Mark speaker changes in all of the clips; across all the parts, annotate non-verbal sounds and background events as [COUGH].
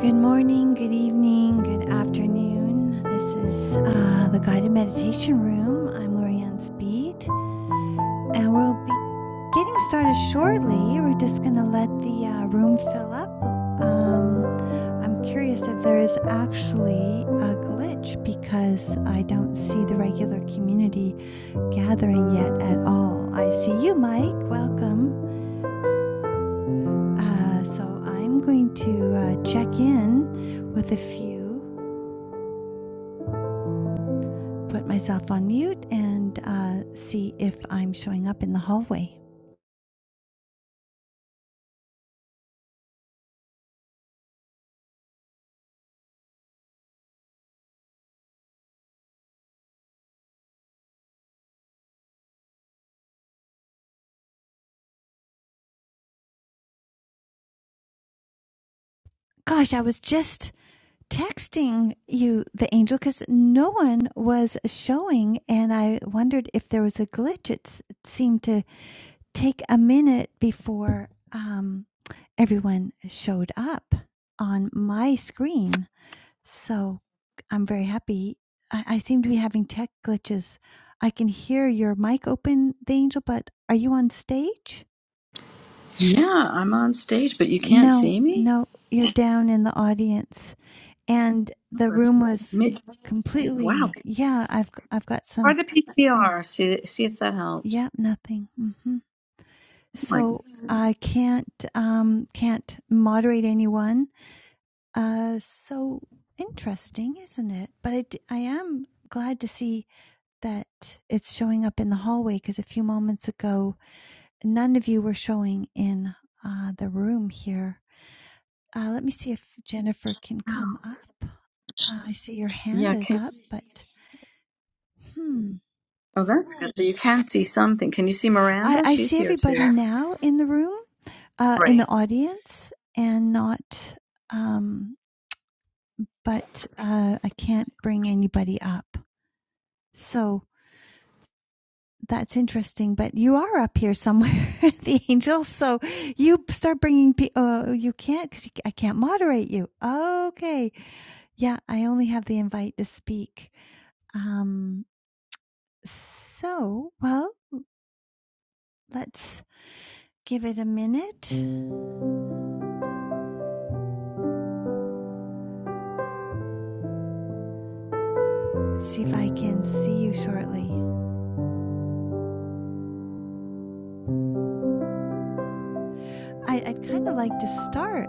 Speaker 1: Good morning, good evening, good afternoon. This is uh, the guided meditation room. I'm Lorianne Speed, and we'll be getting started shortly. We're just going to let the uh, room fill up. Um, I'm curious if there is actually a glitch because I don't see the regular community gathering yet at all. I see you, Mike. Welcome. Uh, so I'm going to uh, check in with a few. put myself on mute and uh, see if I'm showing up in the hallway. Gosh, I was just texting you, the angel, because no one was showing, and I wondered if there was a glitch. It, it seemed to take a minute before um, everyone showed up on my screen. So I'm very happy. I, I seem to be having tech glitches. I can hear your mic open, the angel, but are you on stage?
Speaker 2: Yeah, I'm on stage, but you can't
Speaker 1: No,
Speaker 2: see me?
Speaker 1: no, you're down in the audience. And the
Speaker 2: Let's
Speaker 1: room was
Speaker 2: Wow.
Speaker 1: completely, yeah, I've i I've got
Speaker 2: Or
Speaker 1: some,
Speaker 2: the PTR. See, see if that helps.
Speaker 1: yeah, nothing. hmm
Speaker 2: Oh my
Speaker 1: So
Speaker 2: goodness.
Speaker 1: I can't um can't moderate anyone. Uh so interesting, isn't it? But I d- I am glad to see that it's showing up in the hallway because a few moments ago none of you were showing in uh the room here. Uh let me see if Jennifer can come up. Uh, I see your hand
Speaker 2: Yeah,
Speaker 1: is
Speaker 2: can,
Speaker 1: up, but hmm.
Speaker 2: oh, that's good. So you can see something. Can you see
Speaker 1: I,
Speaker 2: Miranda?
Speaker 1: I
Speaker 2: She's
Speaker 1: see
Speaker 2: here too.
Speaker 1: everybody now in the room, uh, in
Speaker 2: Great.
Speaker 1: the audience, and not, um, but uh, I can't bring anybody up. So that's interesting, but you are up here somewhere, [LAUGHS] the angel. So you start bringing people. Oh, you can't because I can't moderate you. Okay. Yeah, I only have the invite to speak. Um, so, well, let's give it a minute. See if I can see you shortly. I, I'd kind of like to start.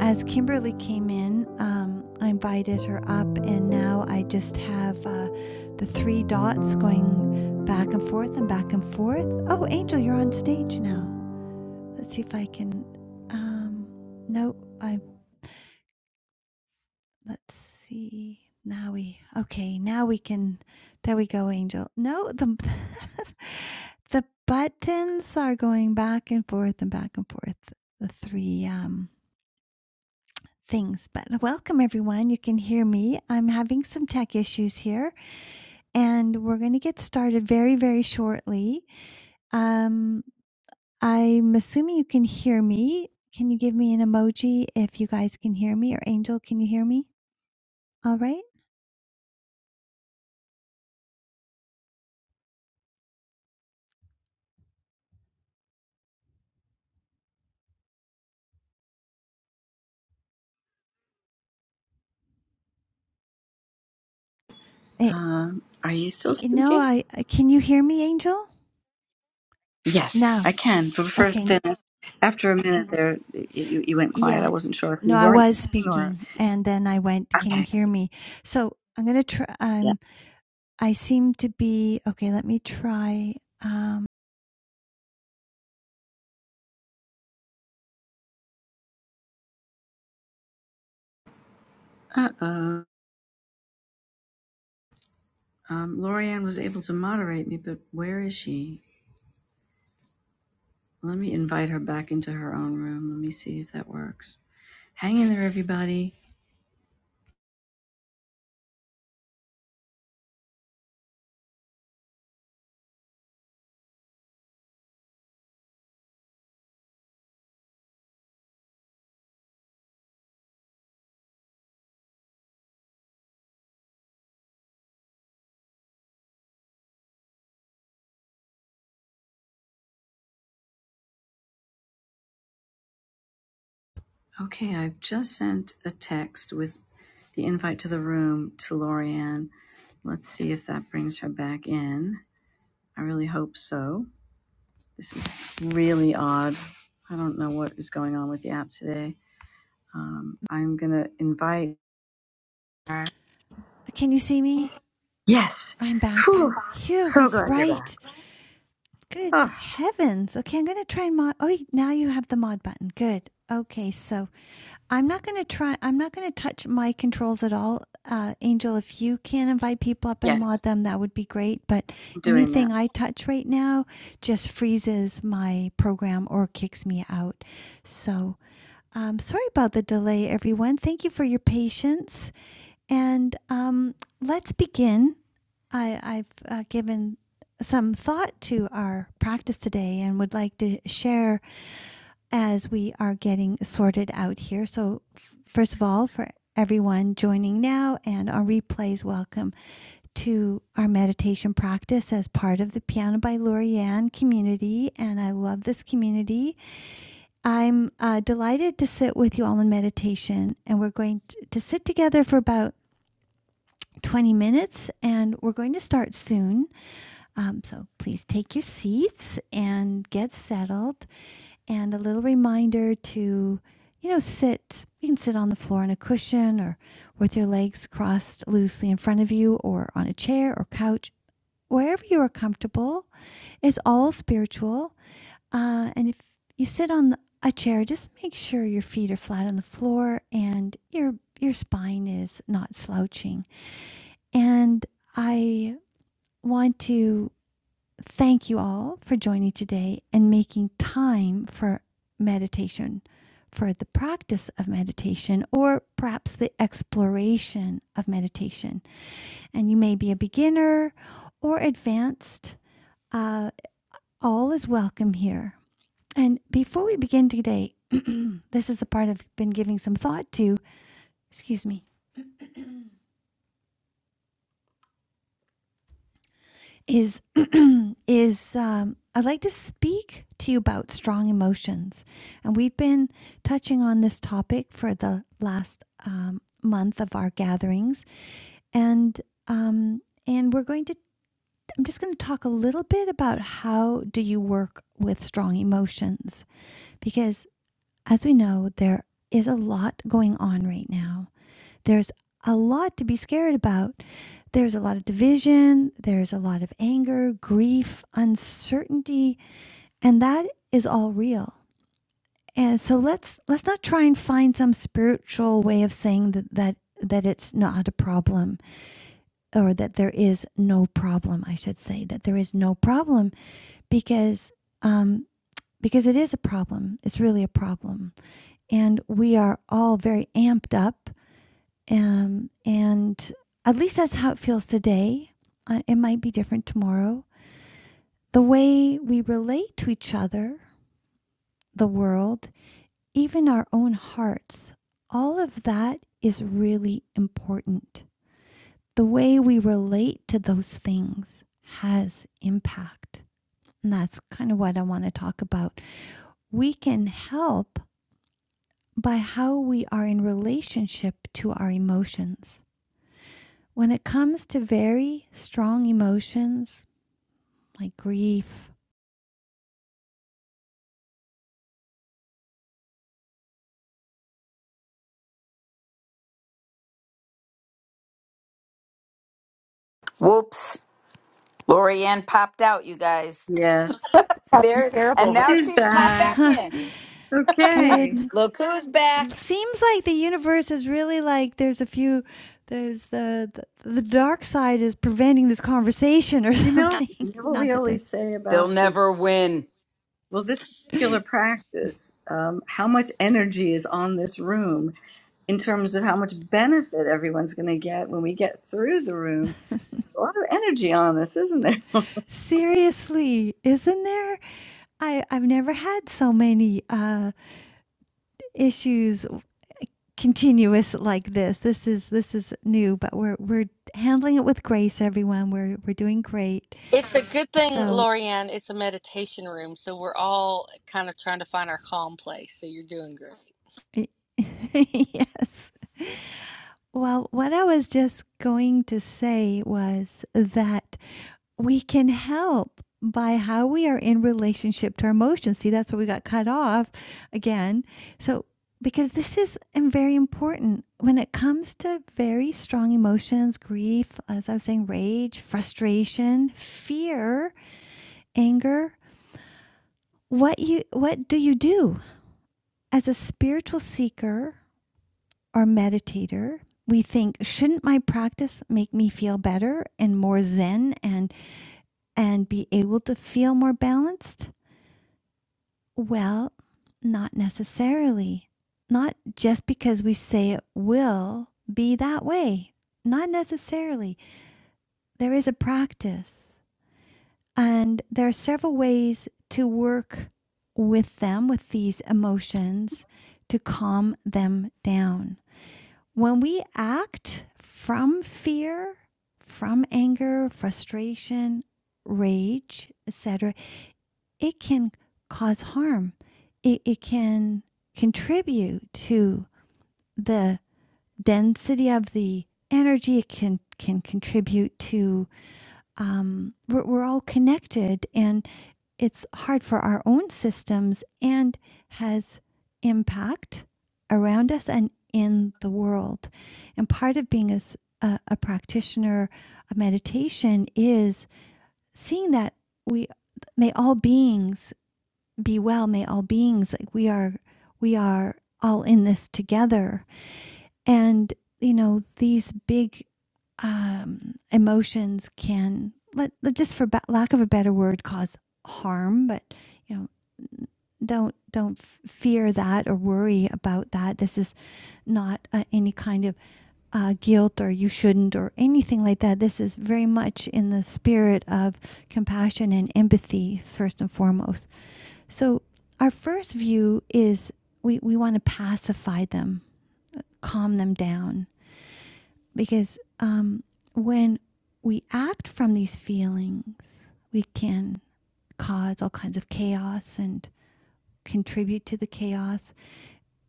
Speaker 1: As Kimberly came in, um, I invited her up, and now I just have uh, the three dots going back and forth and back and forth. Oh, Angel, you're on stage now. Let's see if I can. Um, no, I let's see. Now we okay. Now we can. There we go, Angel. No, the [LAUGHS] the buttons are going back and forth and back and forth. The three um things. But welcome everyone. You can hear me. I'm having some tech issues here, and we're going to get started very very shortly. Um, I'm assuming you can hear me. Can you give me an emoji if you guys can hear me, or Angel, can you hear me? All right. It,
Speaker 2: Um, are you still
Speaker 1: You know,
Speaker 2: speaking?
Speaker 1: I can you hear me, Angel?
Speaker 2: Yes, I
Speaker 1: Now.
Speaker 2: can. But for
Speaker 1: Okay.
Speaker 2: the, after a minute there, it, you, you went quiet. I
Speaker 1: Yeah.
Speaker 2: wasn't sure if
Speaker 1: No,
Speaker 2: you
Speaker 1: I
Speaker 2: weren't
Speaker 1: was
Speaker 2: speaking or.
Speaker 1: speaking and then I went, can you
Speaker 2: Okay.
Speaker 1: hear me? So I'm going to try.
Speaker 2: Yeah.
Speaker 1: Um, I seem to be, okay, let me try. Um,
Speaker 2: Uh oh. Um, Lorianne was able to moderate me, but where is she? Let me invite her back into her own room. Let me see if that works. Hang in there, everybody. Okay, I've just sent a text with the invite to the room to Lorianne. Let's see if that brings her back in. I really hope so. This is really odd. I don't know what is going on with the app today. Um, I'm going to invite her.
Speaker 1: can you see me?
Speaker 2: Yes.
Speaker 1: I'm back.
Speaker 2: Whew.
Speaker 1: Phew,
Speaker 2: So
Speaker 1: it's
Speaker 2: glad you're back.
Speaker 1: right. Good
Speaker 2: Oh,
Speaker 1: heavens. Okay, I'm going to try and mod. Oh, now you have the mod button. Good. Okay, so I'm not going to try. I'm not going to touch my controls at all, uh, Angel. If you can invite people up and
Speaker 2: yes,
Speaker 1: mod them, that would be great. But
Speaker 2: I'm doing that.
Speaker 1: anything I touch right now just freezes my program or kicks me out. So um, sorry about the delay, everyone. Thank you for your patience, and um, let's begin. I, I've uh, given some thought to our practice today and would like to share as we are getting sorted out here. So, f- first of all, for everyone joining now and on replays, welcome to our meditation practice as part of the Piano by Lorianne community. And I love this community. I'm uh, delighted to sit with you all in meditation, and we're going to sit together for about 20 minutes, and we're going to start soon. Um, so please take your seats and get settled. And a little reminder to, you know, sit. You can sit on the floor on a cushion or with your legs crossed loosely in front of you or on a chair or couch, wherever you are comfortable. It's all spiritual. Uh, and if you sit on a chair, just make sure your feet are flat on the floor and your your spine is not slouching. And I want to thank you all for joining today and making time for meditation, for the practice of meditation, or perhaps the exploration of meditation. And you may be a beginner or advanced. Uh, all is welcome here. And before we begin today, [CLEARS THROAT] this is a part I've been giving some thought to. Excuse me. is [CLEARS THROAT] is um, I'd like to speak to you about strong emotions, and we've been touching on this topic for the last um, month of our gatherings, and um, and we're going to I'm just going to talk a little bit about how do you work with strong emotions because as we know there is a lot going on right now there's a lot to be scared about. There's a lot of division, there's a lot of anger, grief, uncertainty, and that is all real. And so let's let's not try and find some spiritual way of saying that that that it's not a problem or that there is no problem, I should say, that there is no problem because um because it is a problem. It's really a problem. And we are all very amped up Um, and at least that's how it feels today. Uh, it might be different tomorrow. The way we relate to each other, the world, even our own hearts, all of that is really important. The way we relate to those things has impact. And that's kind of what I want to talk about. We can help by how we are in relationship to our emotions. When it comes to very strong emotions, like grief.
Speaker 3: Whoops. Lorianne popped out, you guys.
Speaker 2: Yes.
Speaker 4: having
Speaker 3: There and
Speaker 4: terrible re-
Speaker 3: now she's popped back in.
Speaker 1: [LAUGHS]
Speaker 2: Okay.
Speaker 1: Good.
Speaker 3: Look who's back.
Speaker 1: Seems like the universe is really like there's a few there's the, the the dark side is preventing this conversation or
Speaker 2: You know,
Speaker 1: something.
Speaker 2: you know
Speaker 1: [LAUGHS]
Speaker 2: what we
Speaker 1: Not that
Speaker 2: always
Speaker 1: there's
Speaker 2: say
Speaker 3: They'll
Speaker 2: about this?
Speaker 3: never win.
Speaker 2: Well, this particular practice, um, how much energy is on this room in terms of how much benefit everyone's going to get when we get through the room? A lot of energy on this, isn't there? [LAUGHS]
Speaker 1: seriously, isn't there? I I've never had so many uh issues continuous like this. This is this is new, but we're we're handling it with grace everyone. We're we're doing great.
Speaker 5: It's a good thing,
Speaker 1: So
Speaker 5: Lorianne, it's a meditation room, so we're all kind of trying to find our calm place. So you're doing great.
Speaker 1: [LAUGHS] yes. Well, what I was just going to say was that we can help by how we are in relationship to our emotions. See, that's where we got cut off again. So, because this is um, very important when it comes to very strong emotions, grief, as I was saying, rage, frustration, fear, anger, what you what do you do as a spiritual seeker or meditator, we think, shouldn't my practice make me feel better and more zen and and be able to feel more balanced? Well, not necessarily. Not just because we say it will be that way. Not necessarily. There is a practice. And there are several ways to work with them, with these emotions, to calm them down when we act from fear, from anger, frustration, rage, etc., it can cause harm. It, it can contribute to the density of the energy. It can can contribute to um, we're, we're all connected, and it's hard for our own systems and has impact around us and in the world. And part of being a a a practitioner of meditation is seeing that we may all beings be well, may all beings like we are we are all in this together. And you know these big um, emotions can let just for lack of a better word cause harm, but you know don't don't fear that or worry about that this is not uh, any kind of uh, guilt or you shouldn't or anything like that this is very much in the spirit of compassion and empathy first and foremost so our first view is we, we want to pacify them calm them down because um, when we act from these feelings we can cause all kinds of chaos and contribute to the chaos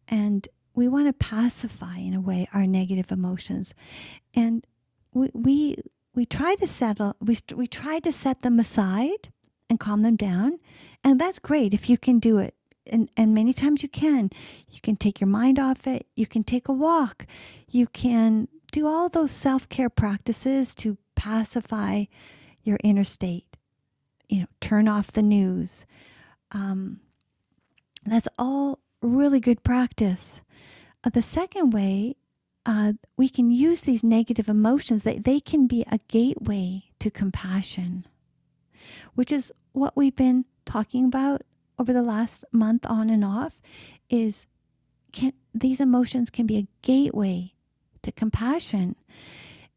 Speaker 1: and we want to pacify in a way our negative emotions and we we, we try to settle we, we try to set them aside and calm them down and that's great if you can do it and and many times you can you can take your mind off it you can take a walk you can do all those self-care practices to pacify your inner state you know turn off the news um, that's all really good practice uh, the second way, uh, we can use these negative emotions, that they can be a gateway to compassion, which is what we've been talking about over the last month on and off is can these emotions can be a gateway to compassion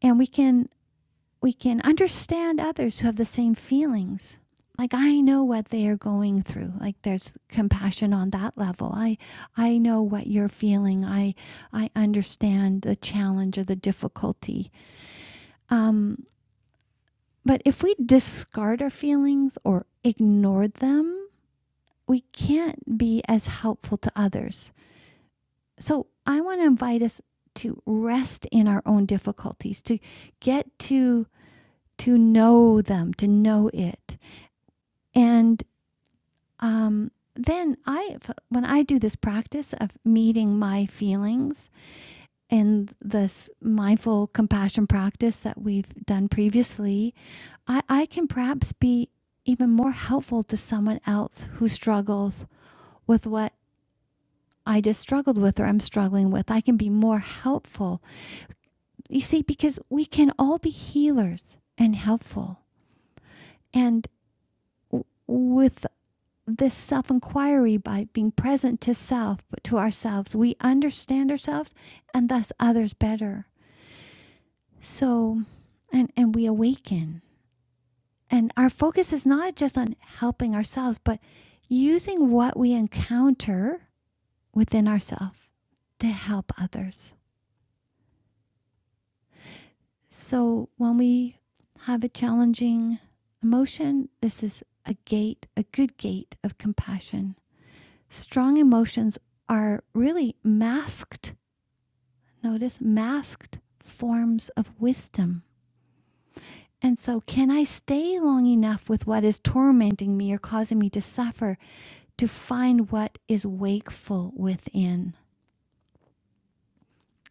Speaker 1: and we can we can understand others who have the same feelings. Like I know what they are going through. Like there's compassion on that level. I I know what you're feeling. I I understand the challenge or the difficulty. Um, but if we discard our feelings or ignore them, we can't be as helpful to others. So I want to invite us to rest in our own difficulties, to get to to know them, to know it, And um, then I, when I do this practice of meeting my feelings and this mindful compassion practice that we've done previously, I, I can perhaps be even more helpful to someone else who struggles with what I just struggled with or I'm struggling with. I can be more helpful. You see, because we can all be healers and helpful. And w- with this self inquiry by being present to self, but to ourselves. We understand ourselves and thus others better. So, and, and we awaken. And our focus is not just on helping ourselves, but using what we encounter within ourselves to help others. So, when we have a challenging emotion, this is a gate, a good gate of compassion. Strong emotions are really masked notice, masked forms of wisdom. And so, can I stay long enough with what is tormenting me or causing me to suffer to find what is wakeful within?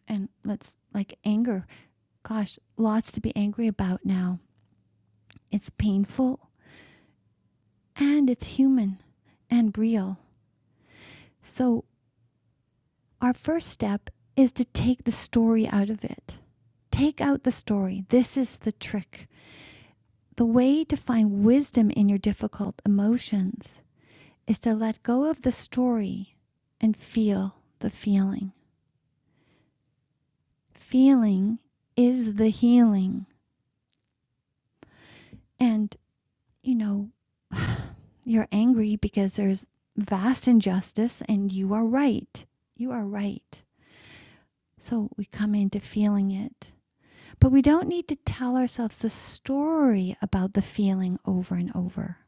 Speaker 1: And let's like anger. Gosh, lots to be angry about now. It's painful and it's human and real. So, our first step is to take the story out of it. Take out the story. This is the trick The way to find wisdom in your difficult emotions is to let go of the story and feel the feeling. Feeling is the healing. And, you know, you're angry because there's vast injustice and you are right. You are right. So we come into feeling it. But we don't need to tell ourselves the story about the feeling over and over.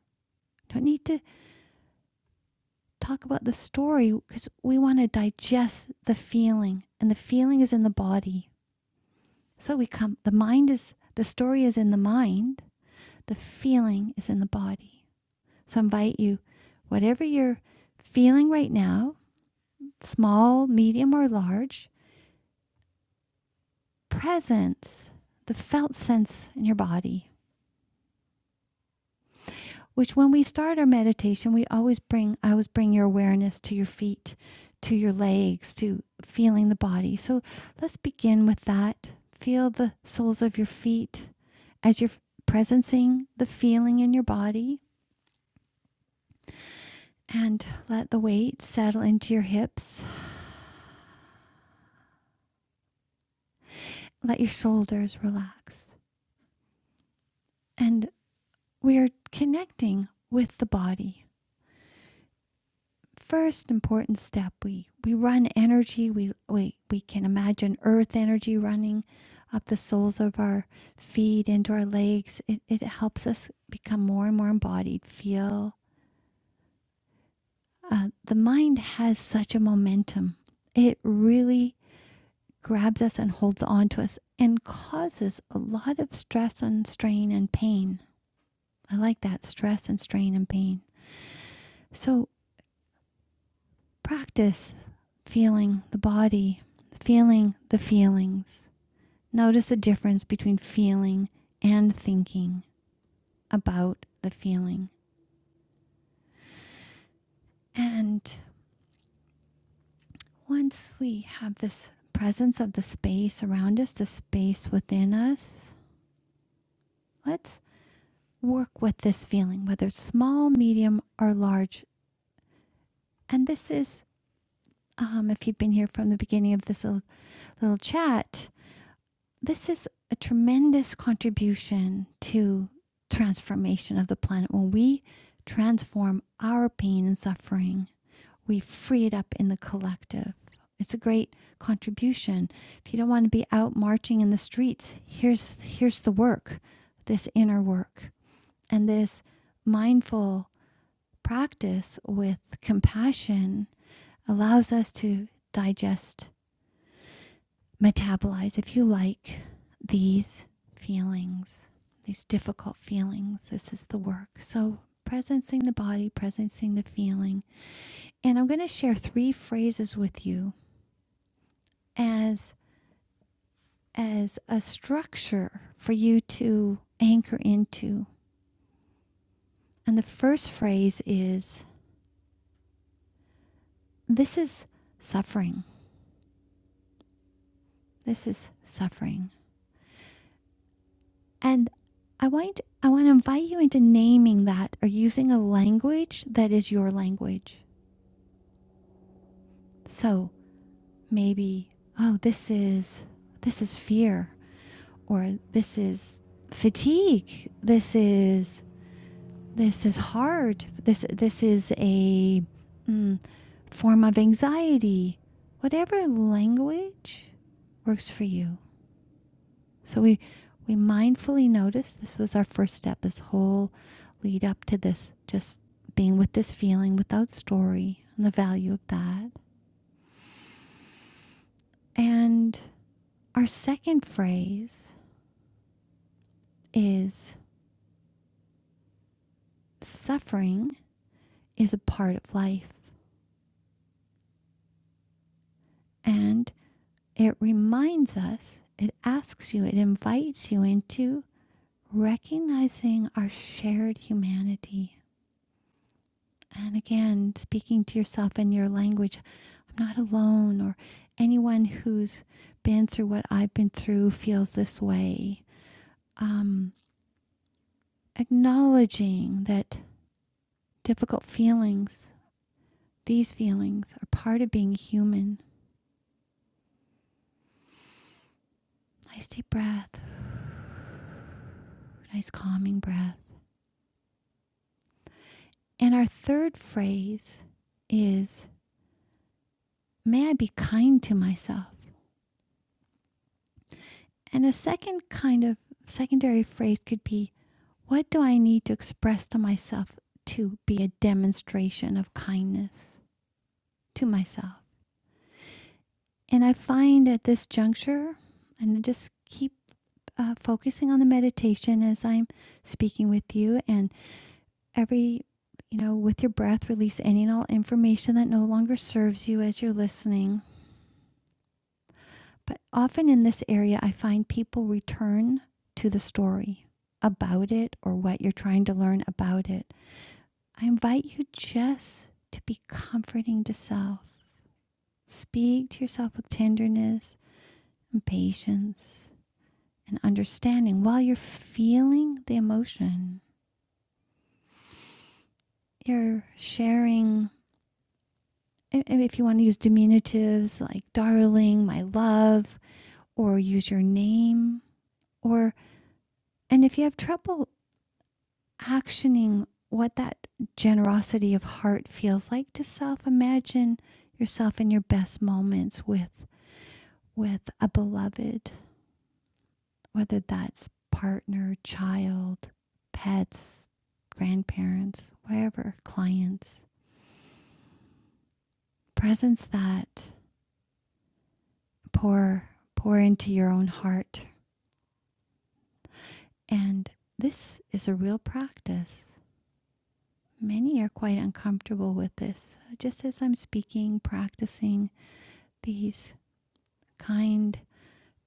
Speaker 1: Don't need to talk about the story because we want to digest the feeling, and the feeling is in the body. So we come, the mind is, the story is in the mind, the feeling is in the body. So I invite you, whatever you're feeling right now, small, medium, or large, presence, the felt sense in your body. which when we start our meditation, we always bring, I always bring your awareness to your feet, to your legs, to feeling the body. So let's begin with that. Feel the soles of your feet as you're presencing the feeling in your body. And let the weight settle into your hips. Let your shoulders relax. And we are connecting with the body. first important step we we run energy we we, we can imagine earth energy running up the soles of our feet into our legs it, it helps us become more and more embodied feel uh, the mind has such a momentum it really grabs us and holds on to us and causes a lot of stress and strain and pain i like that stress and strain and pain so Practice feeling the body, feeling the feelings. Notice the difference between feeling and thinking about the feeling. And once we have this presence of the space around us, the space within us, let's work with this feeling, whether it's small, medium, or large. And this is, um, if you've been here from the beginning of this little, little chat, this is a tremendous contribution to transformation of the planet. When we transform our pain and suffering, we free it up in the collective. It's a great contribution. If you don't want to be out marching in the streets, here's here's the work, this inner work. And this mindful practice with compassion allows us to digest metabolize, if you like, these feelings, these difficult feelings. This is the work. So, presencing the body, presencing the feeling. And I'm going to share three phrases with you as as a structure for you to anchor into. And the first phrase is this is suffering. This is suffering. And I want I want to invite you into naming that or using a language that is your language. So maybe, oh, this is this is fear or this is fatigue. This is this is hard. This this is a mm, form of anxiety. Whatever language works for you. So we we mindfully notice this was our first step this whole lead up to this just being with this feeling without story and the value of that. And our second phrase is suffering is a part of life. And it reminds us, it asks you, it invites you into recognizing our shared humanity. And again, speaking to yourself in your language, I'm not alone, or anyone who's been through what I've been through feels this way. Um, acknowledging that difficult feelings, these feelings, are part of being human. Nice deep breath. Nice calming breath. And our third phrase is, may I be kind to myself. And a second kind of secondary phrase could be, what do I need to express to myself to be a demonstration of kindness to myself? And I find at this juncture, and I just keep uh, focusing on the meditation as I'm speaking with you, and every, you know, with your breath, release any and all information that no longer serves you as you're listening But often in this area, I find people return to the story about it or what you're trying to learn about it. I invite you just to be comforting to self. Speak to yourself with tenderness and patience and understanding while you're feeling the emotion. You're sharing, if you want to use diminutives like darling, my love, or use your name, or, and if you have trouble actioning what that generosity of heart feels like to self imagine yourself in your best moments with with a beloved whether that's partner child pets grandparents wherever clients presence that pour pour into your own heart and this is a real practice many are quite uncomfortable with this just as i'm speaking practicing these kind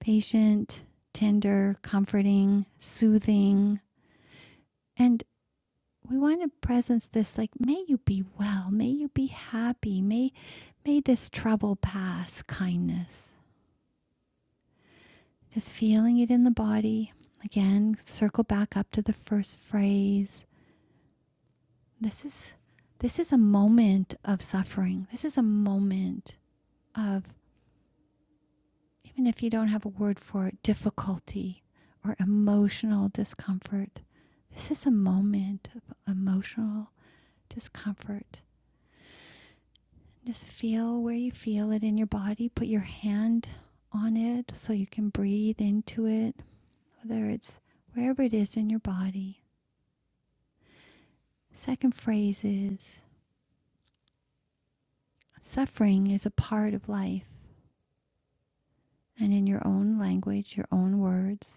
Speaker 1: patient, tender, comforting, soothing. And we want to presence this like, may you be well, may you be happy, may may this trouble pass, kindness. Just feeling it in the body. Again, circle back up to the first phrase. This is this is a moment of suffering. This is a moment of even if you don't have a word for it, difficulty or emotional discomfort. This is a moment of emotional discomfort. Just feel where you feel it in your body. Put your hand on it so you can breathe into it, whether it's wherever it is in your body. Second phrase is suffering is a part of life. And in your own language, your own words,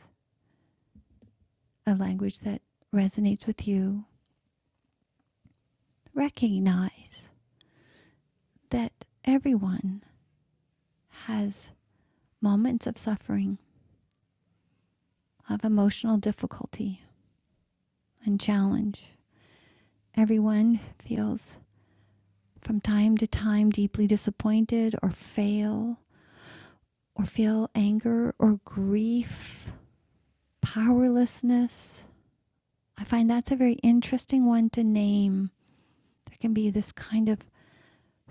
Speaker 1: a language that resonates with you, recognize that everyone has moments of suffering, of emotional difficulty and challenge. Everyone feels from time to time deeply disappointed or fail or feel anger or grief, powerlessness. I find that's a very interesting one to name. There can be this kind of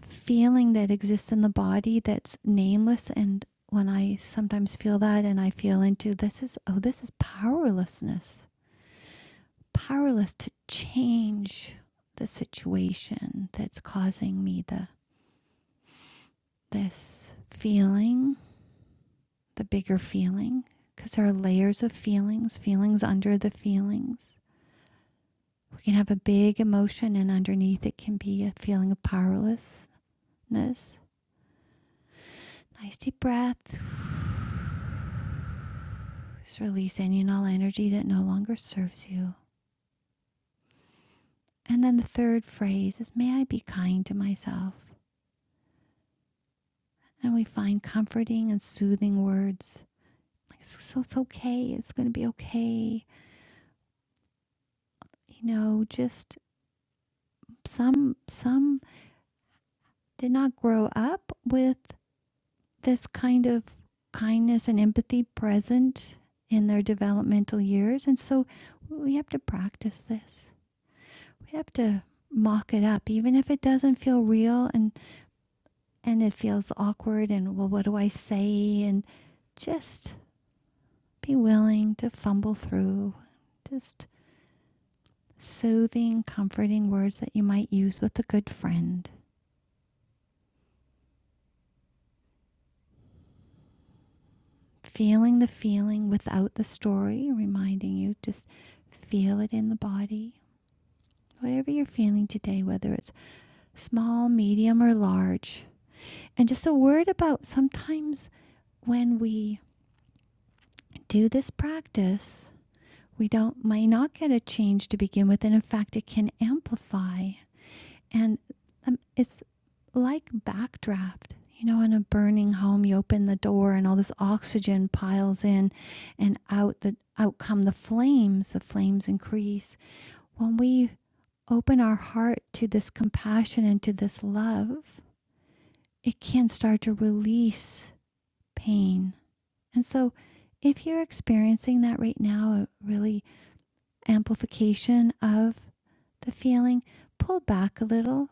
Speaker 1: feeling that exists in the body that's nameless and when I sometimes feel that and I feel into this is oh this is powerlessness powerless to change the situation that's causing me the this feeling, the bigger feeling, because there are layers of feelings, feelings under the feelings. We can have a big emotion, and underneath it can be a feeling of powerlessness. Nice deep breath, just release any and all energy that no longer serves you. And then the third phrase is, May I be kind to myself. And we find comforting and soothing words Like, so it's okay. It's going to be okay. You know, just some some did not grow up with this kind of kindness and empathy present in their developmental years, and so we have to practice this. We have to mock it up, even if it doesn't feel real and and it feels awkward. And well, what do I say? And just be willing to fumble through. Just soothing, comforting words that you might use with a good friend. Feeling the feeling without the story, reminding you just feel it in the body. Whatever you're feeling today, whether it's small, medium, or large. And just a word about sometimes when we do this practice, we don't might not get a change to begin with, and in fact, it can amplify. And um, it's like backdraft. You know, in a burning home, you open the door and all this oxygen piles in and out the out come the flames, the flames increase. When we open our heart to this compassion and to this love, it can start to release pain. And so if you're experiencing that right now, a really amplification of the feeling, pull back a little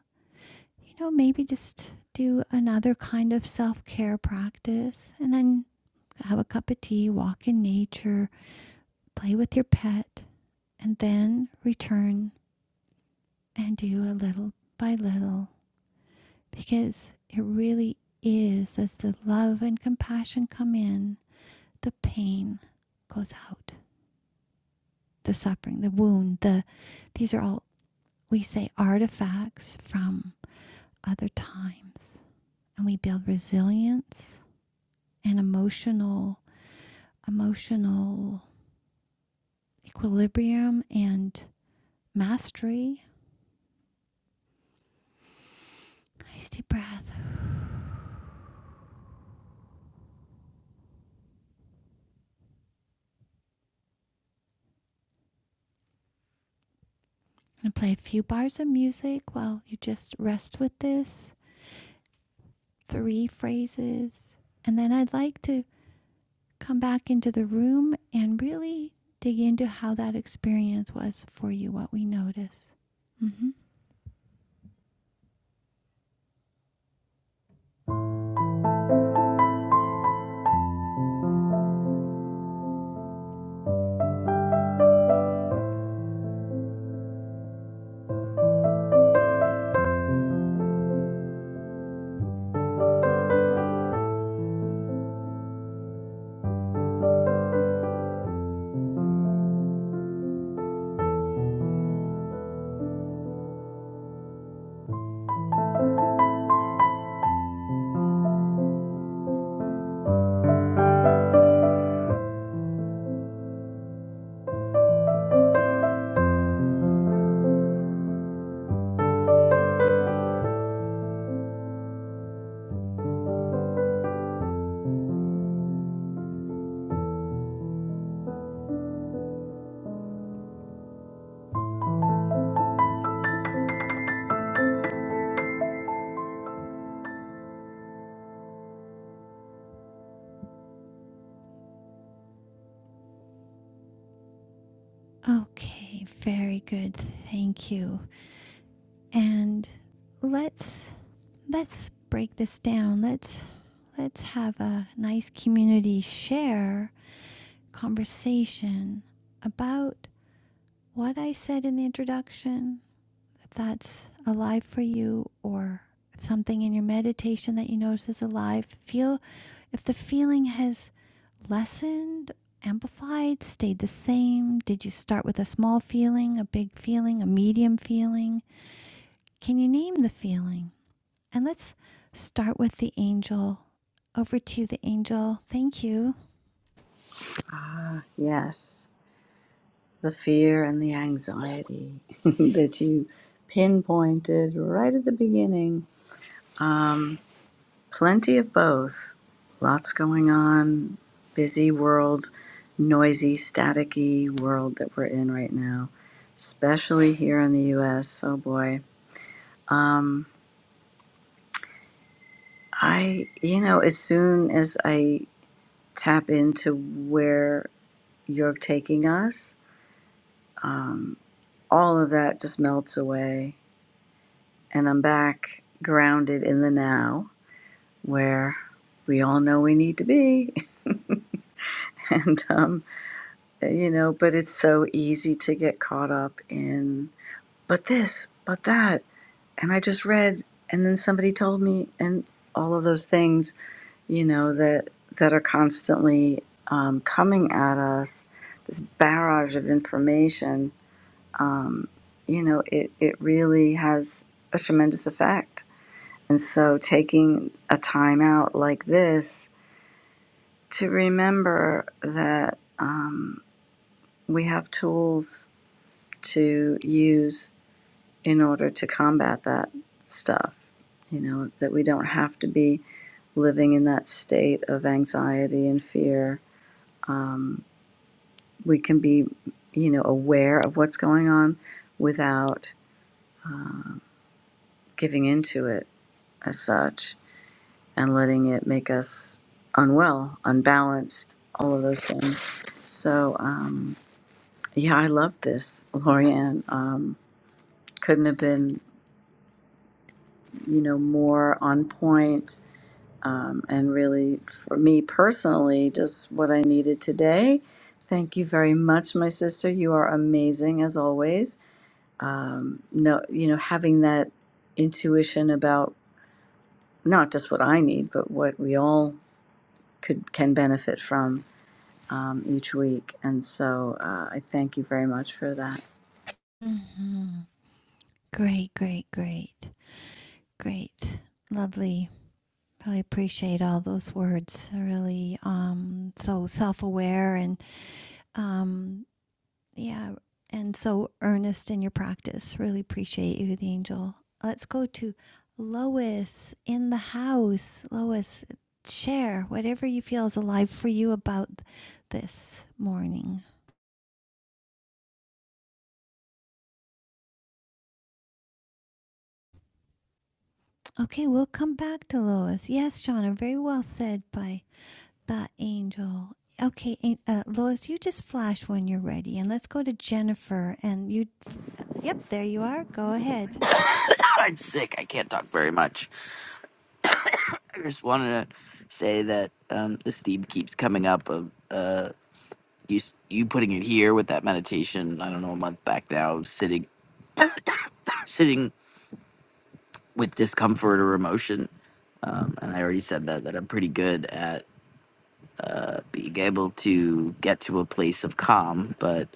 Speaker 1: you know, maybe just do another kind of self care practice and then have a cup of tea, walk in nature, play with your pet, and then return and do a little by little because it really is as the love and compassion come in, the pain goes out, the suffering, the wound, the these are all we say artifacts from other times and we build resilience and emotional emotional equilibrium and mastery. Nice deep breath. I'm going to play a few bars of music while you just rest with this, three phrases. And then I'd like to come back into the room and really dig into how that experience was for you, what we notice. Mm-hmm. Okay, very good. Thank you. And let's let's break this down. Let's let's have a nice community share conversation about what I said in the introduction, if that's alive for you or if something in your meditation that you notice is alive. Feel if the feeling has lessened, amplified, stayed the same. Did you start with a small feeling, a big feeling, a medium feeling? Can you name the feeling? And let's start with the angel over to the angel. Thank you.
Speaker 2: Ah, yes, the fear and the anxiety [LAUGHS] that you pinpointed right at the beginning. Plenty of both. Lots going on. Busy world, noisy, staticky world that we're in right now, especially here in the US. Oh boy. Um, I, you know, as soon as I tap into where you're taking us, um, all of that just melts away. And I'm back grounded in the now where we all know we need to be. [LAUGHS] and um, you know, but it's so easy to get caught up in, but this, but that. And I just read, and then somebody told me, and all of those things, you know, that, that are constantly um, coming at us, this barrage of information, um, you know, it, it really has a tremendous effect. And so taking a time out like this to remember that um, we have tools to use in order to combat that stuff. You know, that we don't have to be living in that state of anxiety and fear. Um, we can be, you know, aware of what's going on without uh, giving into it as such and letting it make us unwell, unbalanced, all of those things. So, um, yeah, I love this, Lorianne. Um, couldn't have been you know, more on point, um, and really for me personally, just what I needed today. Thank you very much, my sister. You are amazing as always. Um, no, you know, having that intuition about not just what I need, but what we all could can benefit from um, each week. And so uh, I thank you very much for that.
Speaker 1: Mhm. Great, great, great, great. Lovely. Really appreciate all those words. Really, um, so self-aware and um, yeah, and so earnest in your practice. Really appreciate you, the angel. Let's go to Lois in the house. Lois, share whatever you feel is alive for you about this morning. Okay, we'll come back to Lois. Yes, Shauna, very well said by that angel. Okay, uh, Lois, you just flash when you're ready, and let's go to Jennifer. And you, uh, yep, there you are. Go ahead.
Speaker 6: I'm sick. I can't talk very much. I just wanted to say that um, this theme keeps coming up of uh, you you putting it here with that meditation. I don't know a month back now, of sitting [COUGHS] sitting with discomfort or emotion. Um, and I already said that that I'm pretty good at uh, being able to get to a place of calm, but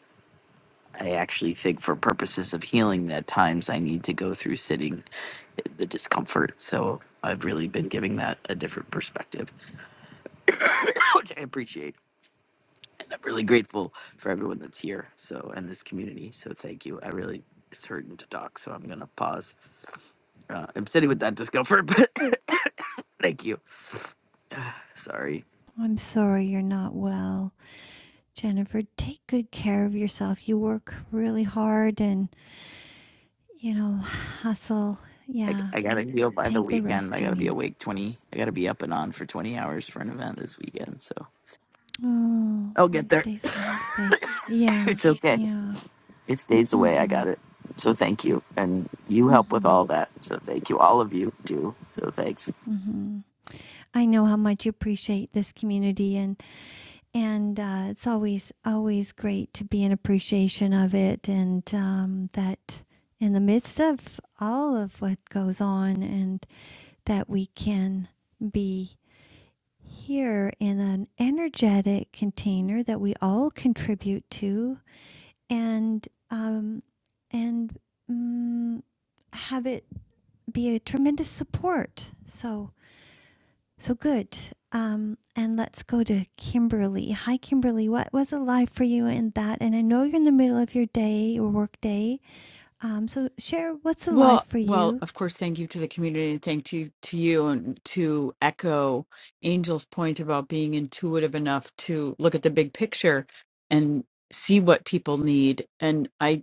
Speaker 6: I actually think for purposes of healing, at times I need to go through sitting the discomfort. So I've really been giving that a different perspective. [LAUGHS] which I appreciate. I'm really grateful for everyone that's here. So and this community. So thank you. I really it's hurting to talk, so I'm gonna pause. Uh, I'm sitting with that discomfort, [LAUGHS] but thank you. Sorry.
Speaker 1: I'm sorry you're not well, Jennifer. Take good care of yourself. You work really hard, and you know, hustle.
Speaker 6: I,
Speaker 1: Yeah,
Speaker 6: I gotta heal by the
Speaker 1: take the
Speaker 6: weekend.
Speaker 1: rest
Speaker 6: I
Speaker 1: you
Speaker 6: gotta be
Speaker 1: need.
Speaker 6: awake twenty. I gotta be up and on for twenty hours for an event this weekend. So
Speaker 1: Oh,
Speaker 6: I'll
Speaker 1: well,
Speaker 6: get there.
Speaker 1: today's
Speaker 6: [LAUGHS]
Speaker 1: Wednesday. Yeah,
Speaker 6: it's okay.
Speaker 1: yeah.
Speaker 6: It's days away. I
Speaker 1: Mm-hmm.
Speaker 6: got it. So thank you, and you help with
Speaker 1: Mm-hmm.
Speaker 6: all that. So thank you, all of you do. So thanks.
Speaker 1: Mm-hmm. I know how much you appreciate this community, and and uh, it's always always great to be in appreciation of it, and um, that in the midst of all of what goes on, and that we can be here in an energetic container that we all contribute to, and um, and mm, have it be a tremendous support. So So good. Um, and let's go to Kimberly. Hi, Kimberly. What was alive for you in that? And I know you're in the middle of your day or work day. Um, so share what's alive
Speaker 4: Well,
Speaker 1: for
Speaker 4: well,
Speaker 1: you.
Speaker 4: of course, thank you to the community and thank you to you and to echo Angel's point about being intuitive enough to look at the big picture and see what people need. And I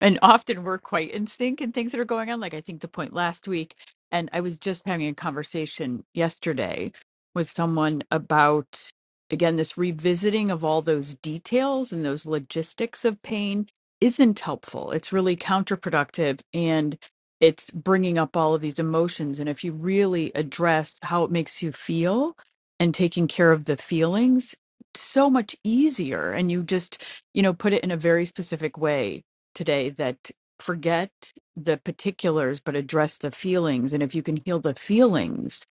Speaker 4: and often we're quite in sync in things that are going on. Like I think the point last week, and I was just having a conversation yesterday with someone about again this revisiting of all those details and those logistics of pain isn't helpful. It's really counterproductive and it's bringing up all of these emotions. And if you really address how it makes you feel and taking care of the feelings, it's so much easier. And you just, you know, put it in a very specific way today that forget the particulars but address the feelings and if you can heal the feelings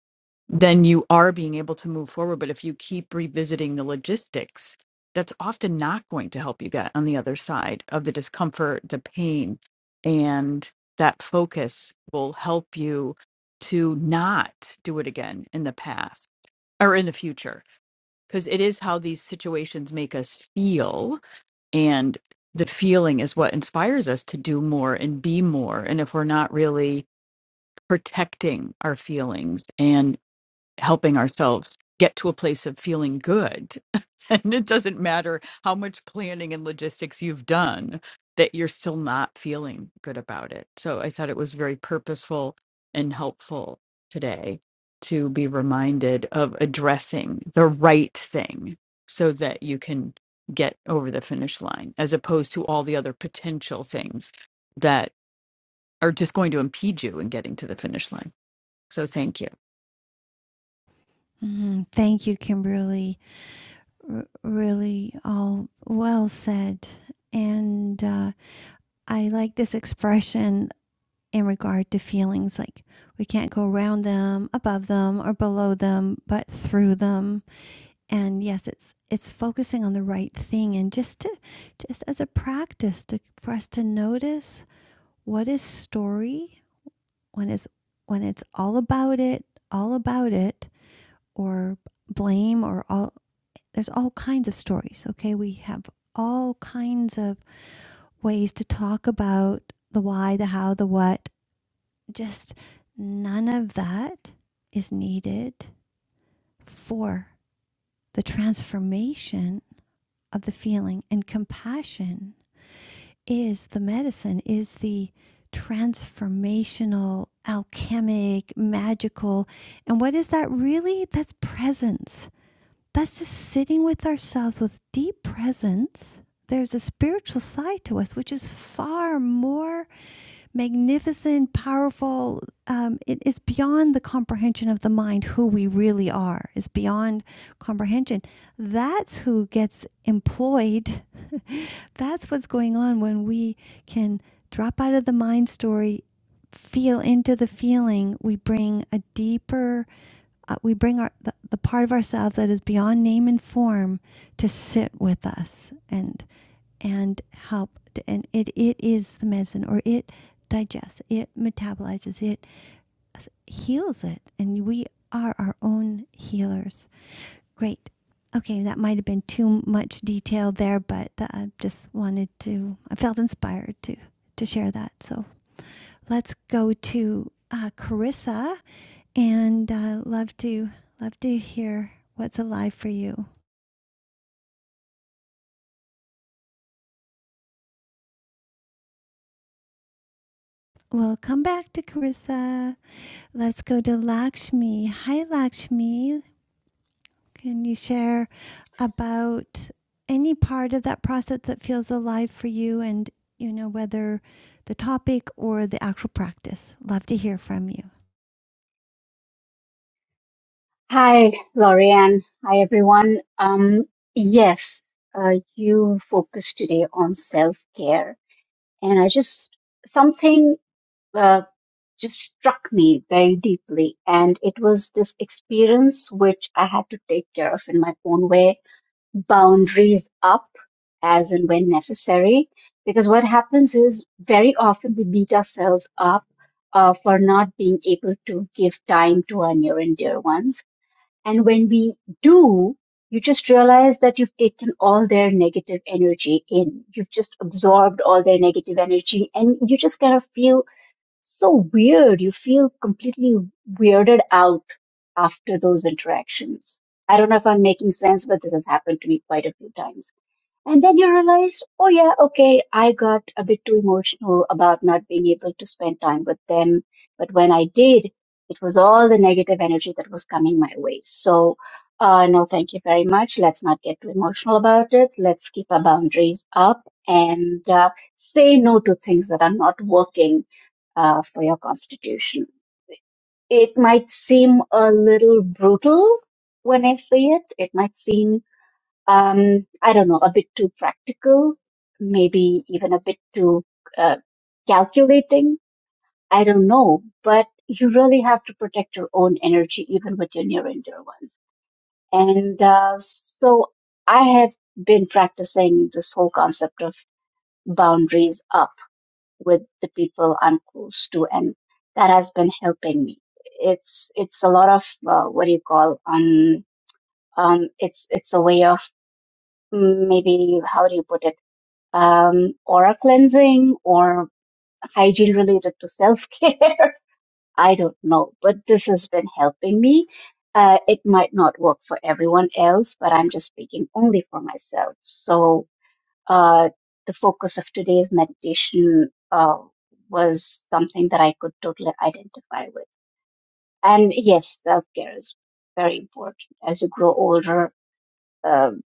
Speaker 4: then you are being able to move forward but if you keep revisiting the logistics that's often not going to help you get on the other side of the discomfort the pain and that focus will help you to not do it again in the past or in the future because it is how these situations make us feel and the feeling is what inspires us to do more and be more. And if we're not really protecting our feelings and helping ourselves get to a place of feeling good. [LAUGHS] and it doesn't matter how much planning and logistics you've done, that you're still not feeling good about it. So I thought it was very purposeful and helpful today to be reminded of addressing the right thing so that you can get over the finish line as opposed to all the other potential things that are just going to impede you in getting to the finish line. So thank
Speaker 1: Mhm. Thank you, Kimberly. R- really, all well said. And uh, I like this expression in regard to feelings like we can't go around them, above them, or below them, but through them and yes it's it's focusing on the right thing and just to just as a practice to for us to notice what is story when it's when it's all about it all about it or blame or all there's all kinds of stories okay we have all kinds of ways to talk about the why the how the what just none of that is needed for the transformation of the feeling and compassion is the medicine is the transformational alchemic magical and what is that really that's presence that's just sitting with ourselves with deep presence there's a spiritual side to us which is far more magnificent, powerful. Um, it is beyond the comprehension of the mind who we really are, is beyond comprehension. That's who gets employed. [LAUGHS] That's what's going on when we can drop out of the mind story, feel into the feeling. We bring a deeper, uh, we bring our, the, the part of ourselves that is beyond name and form to sit with us. and and help and it, it is the medicine or it digests it metabolizes it heals it and we are our own healers great okay that might have been too much detail there but i uh, just wanted to i felt inspired to to share that so let's go to uh, carissa and uh, love to love to hear what's alive for you we'll come back to carissa Let's go to Lakshmi. Hi, Lakshmi. Can you share about any part of that process that feels alive for you and, you know, whether the topic or the actual practice? Love to hear from you.
Speaker 7: Hi, Lorianne. Hi, everyone. Um, yes, uh, you focused today on self-care, and I just something uh, just struck me very deeply, and it was this experience which I had to take care of in my own way, boundaries up as and when necessary, because what happens is very often we beat ourselves up uh, for not being able to give time to our near and dear ones and when we do, you just realize that you've taken all their negative energy in. You've just absorbed all their negative energy and you just kind of feel so weird. You feel completely weirded out after those interactions. I don't know if I'm making sense, but this has happened to me quite a few times. And then you realize, oh yeah, okay, I got a bit too emotional about not being able to spend time with them. But when I did, it was all the negative energy that was coming my way. So, uh, no, thank you very much. Let's not get too emotional about it. Let's keep our boundaries up and uh, say no to things that are not working uh, for your constitution. It might seem a little brutal when I say it. It might seem um, I don't know, a bit too practical, maybe even a bit too uh, calculating. I don't know, but you really have to protect your own energy, even with your near and dear ones. And uh, so I have been practicing this whole concept of boundaries up with the people I'm close to, and that has been helping me. It's it's a lot of uh, what do you call um um it's it's a way of mm, maybe how do you put it um, aura cleansing or hygiene related to self care. [LAUGHS] I don't know, but this has been helping me. Uh, it might not work for everyone else, but I'm just speaking only for myself. So, uh, the focus of today's meditation, uh, was something that I could totally identify with. And yes, self care is very important. As you grow older, um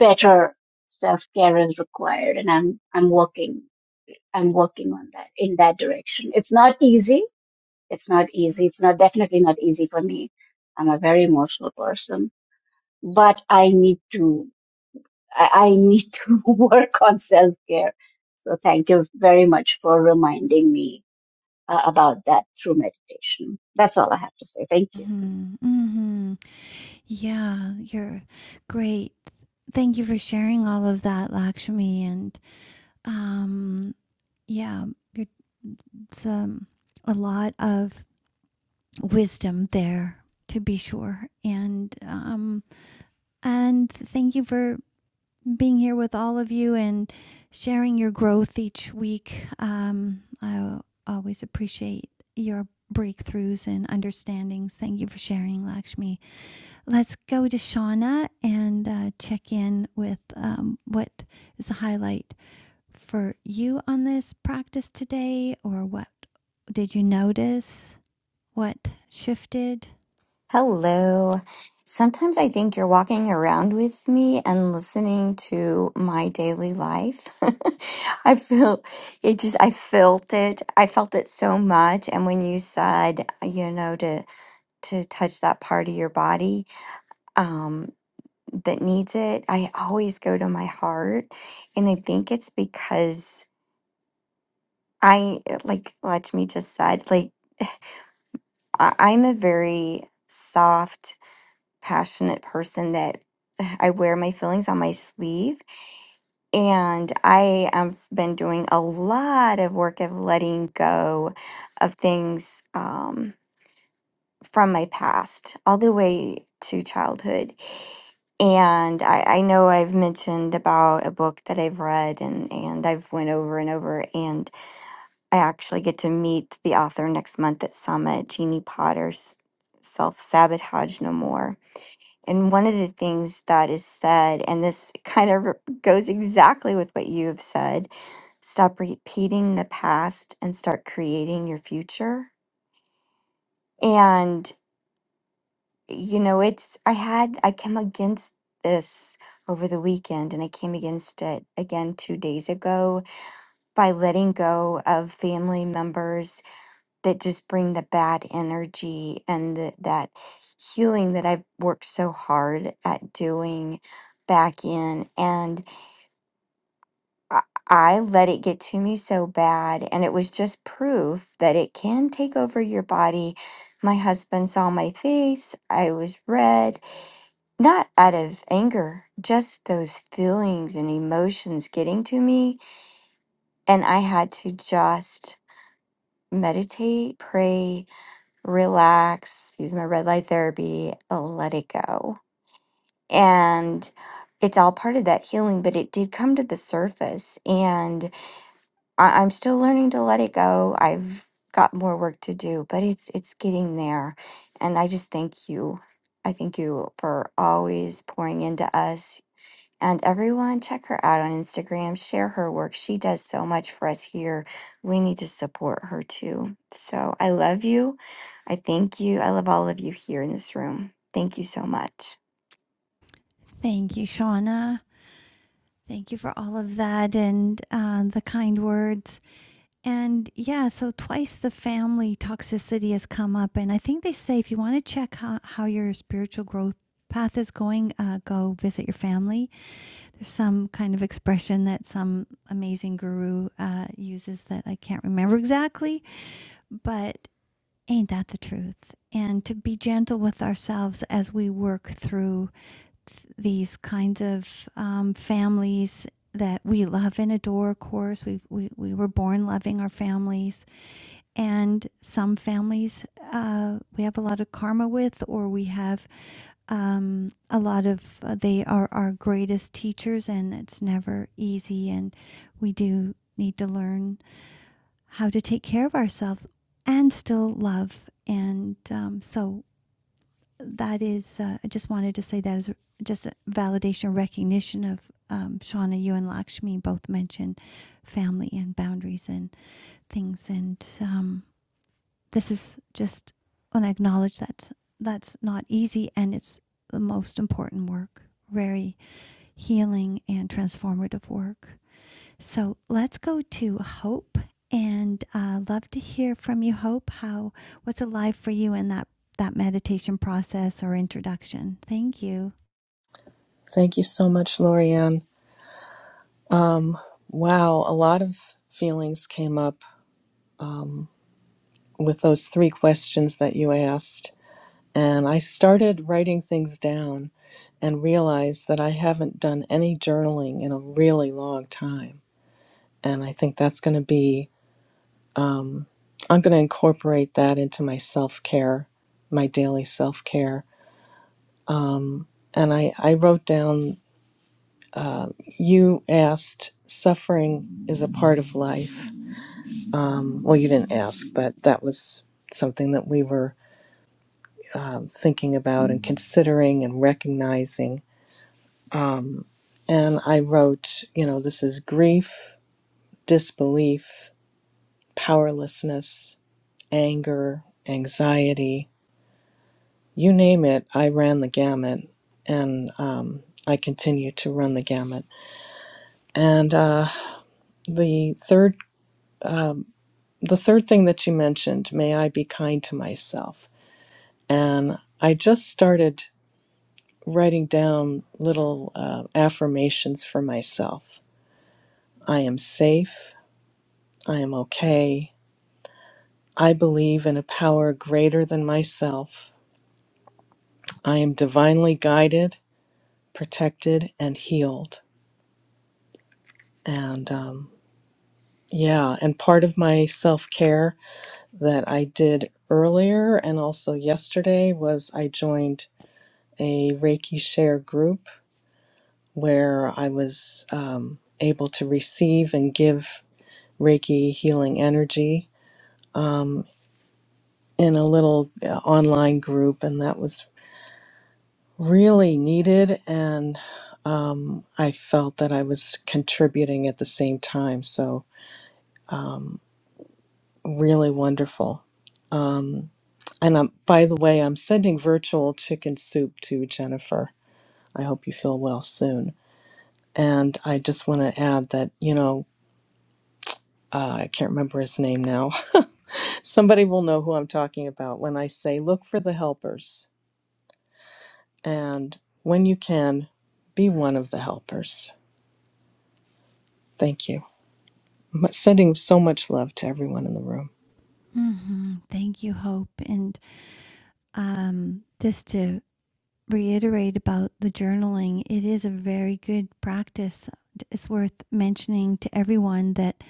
Speaker 7: better self care is required, and I'm I'm working I'm working on that in that direction. It's not easy. It's not easy. It's not definitely not easy for me. I'm a very emotional person, but I need to, I, I need [LAUGHS] to work on self care. So thank you very much for reminding me uh, about that through meditation. That's all I have to say. Thank you.
Speaker 1: Mm-hmm. Mm-hmm. Yeah, you're great. Thank you for sharing all of that, Lakshmi. And um, yeah, it's um, a lot of wisdom there, to be sure. And um, And thank you for being here with all of you and sharing your growth each week. Um, I always appreciate your breakthroughs and understandings. Thank you for sharing, Lakshmi. Let's go to Shauna and uh, check in with um, what is a highlight for you on this practice today, or what did you notice? What shifted?
Speaker 8: Hello. Sometimes I think you're walking around with me and listening to my daily life. [LAUGHS] I feel it just I felt it. I felt it so much and when you said, you know, to to touch that part of your body um that needs it, I always go to my heart and I think it's because I like Lachmi just said, like I, I'm a very soft passionate person that [SIGHS] I wear my feelings on my sleeve. And I have been doing a lot of work of letting go of things um, from my past, all the way to childhood. And I, I know I've mentioned about a book that I've read and, and I've went over and over. And I actually get to meet the author next month at Summit, Jeannie Potter's Self Sabotage No More And one of the things that is said, and this kind of r- goes exactly with what you have said stop repeating the past and start creating your future. And, you know, it's, I had, I came against this over the weekend and I came against it again two days ago by letting go of family members that just bring the bad energy and the, that healing that I've worked so hard at doing back in. And I, I let it get to me so bad. And it was just proof that it can take over your body. My husband saw my face. I was red, not out of anger, just those feelings and emotions getting to me. And I had to just meditate, pray, relax, use my red light therapy, let it go. And it's all part of that healing, but it did come to the surface. And I- I'm still learning to let it go. I've got more work to do, but it's it's getting there. And I just thank you. I thank you for always pouring into us and everyone, check her out on Instagram, share her work. She does so much for us here. We need to support her too. So I love you. I thank you. I love all of you here in this room. Thank you so much.
Speaker 1: Thank you, Shauna. Thank you for all of that and uh, the kind words. And yeah, so twice the family toxicity has come up. And I think they say if you want to check how, how your spiritual growth path is going, uh, go visit your family. There's some kind of expression that some amazing guru uh, uses that I can't remember exactly, but ain't that the truth? And to be gentle with ourselves as we work through these kinds of um, families that we love and adore, of course. We, we, we were born loving our families. And some families uh, we have a lot of karma with, or we have um, a lot of, uh, they are our greatest teachers, and it's never easy. And we do need to learn how to take care of ourselves and still love. And um, so that is, uh, I just wanted to say that is just a validation, recognition of um, Shauna, you and Lakshmi both mentioned family and boundaries and things. And um, this is just, and I acknowledge that that's not easy and it's the most important work, very healing and transformative work. So let's go to Hope and uh, love to hear from you, Hope. How what's alive for you in that that meditation process or introduction? Thank you.
Speaker 9: Thank you so much, Lorianne. Wow, a lot of feelings came up with those three questions that you asked. And I started writing things down and realized that I haven't done any journaling in a really long time. And I think that's going to be, um, I'm going to incorporate that into my self care, my daily self care. Um, and I, I wrote down, uh, you asked, suffering is a part of life Um, well, you didn't ask, but that was something that we were um, thinking about and considering and recognizing. Um, and I wrote, you know, this is grief, disbelief, powerlessness, anger, anxiety, you name it. I ran the gamut, and um, I continue to run the gamut. And uh, the third, um, the third thing that you mentioned, may I be kind to myself. And I just started writing down little uh, affirmations for myself. I am safe. I am okay. I believe in a power greater than myself. I am divinely guided, protected, and healed. And um, yeah, and part of my self care that I did earlier and also yesterday was I joined a Reiki Share group where I was um, able to receive and give Reiki Healing Energy um, in a little uh, online group, and that was really needed. And um, I felt that I was contributing at the same time. So, um, really wonderful. Um, and I'm, by the way, I'm sending virtual chicken soup to Jennifer. I hope you feel well soon. And I just want to add that, you know, uh, I can't remember his name now. [LAUGHS] Somebody will know who I'm talking about when I say look for the helpers and when you can, be one of the helpers. Thank you. M- Sending so much love to everyone in the room.
Speaker 1: hmm Thank you, Hope. And um, just to reiterate about the journaling, it is a very good practice. It's worth mentioning to everyone that.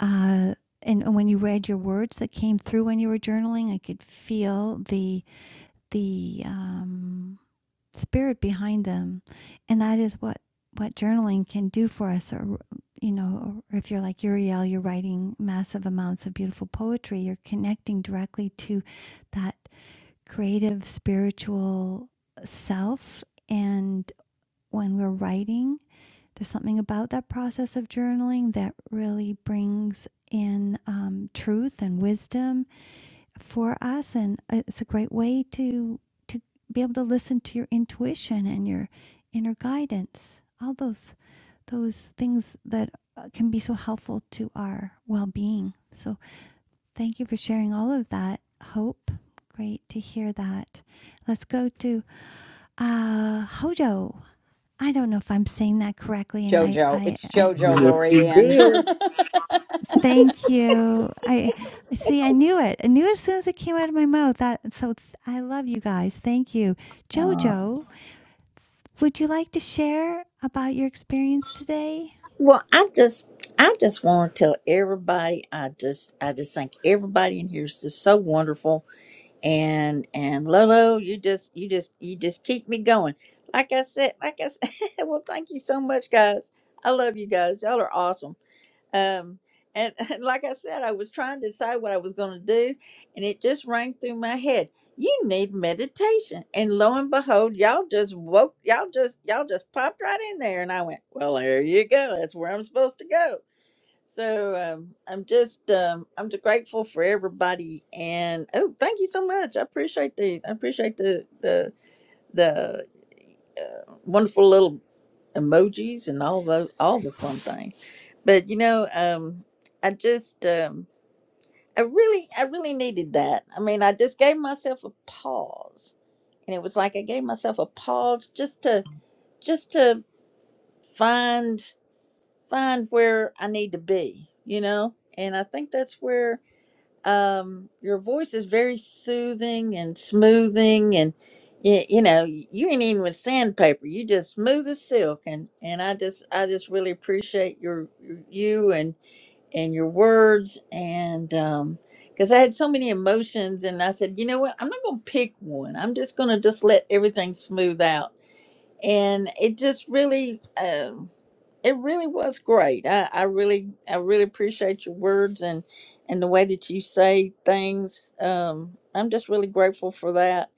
Speaker 1: Uh, and and when you read your words that came through when you were journaling, I could feel the the um, spirit behind them and that is what what journaling can do for us or you know or if you're like uriel you're writing massive amounts of beautiful poetry you're connecting directly to that creative spiritual self and when we're writing there's something about that process of journaling that really brings in um, truth and wisdom for us and it's a great way to to be able to listen to your intuition and your inner guidance all those those things that uh, can be so helpful to our well-being so thank you for sharing all of that hope great to hear that let's go to uh hojo i don't know if i'm saying that correctly and i
Speaker 3: Jojo.
Speaker 1: i,
Speaker 3: It's
Speaker 1: I
Speaker 3: Jojo
Speaker 10: Yes, he
Speaker 3: Lorianne.
Speaker 10: did.
Speaker 3: [LAUGHS]
Speaker 1: Thank you. I see. I knew it. I knew as soon as it came out of my mouth. That so. th- I love you guys. Thank you,
Speaker 10: Uh,
Speaker 1: Jojo. Would you like to share about your experience today?
Speaker 10: well, I just, I just want to tell everybody. I just, I just think everybody in here is just so wonderful. And and Lolo, you just, you just, you just keep me going. Like I said, like I said. [LAUGHS] well, thank you so much, guys. I love you guys. Y'all are awesome. um and, [LAUGHS] and like i said i was trying to decide what i was going to do and it just rang through my head you need meditation and lo and behold y'all just woke y'all just y'all just popped right in there and i went well there you go that's where i'm supposed to go so um, i'm just um, i'm just grateful for everybody and oh thank you so much i appreciate the i appreciate the the the uh, wonderful little emojis and all those all the fun things but you know um i just um i really i really needed that i mean i just gave myself a pause and it was like i gave myself a pause just to just to find find where i need to be you know and i think that's where um your voice is very soothing and smoothing and you, you know you ain't even with sandpaper you just smooth as silk and and i just i just really appreciate your you and and your words and um because i had so many emotions and i said you know what i'm not gonna pick one i'm just gonna just let everything smooth out and it just really um it really was great i i really i really appreciate your words and and the way that you say things um i'm just really grateful for that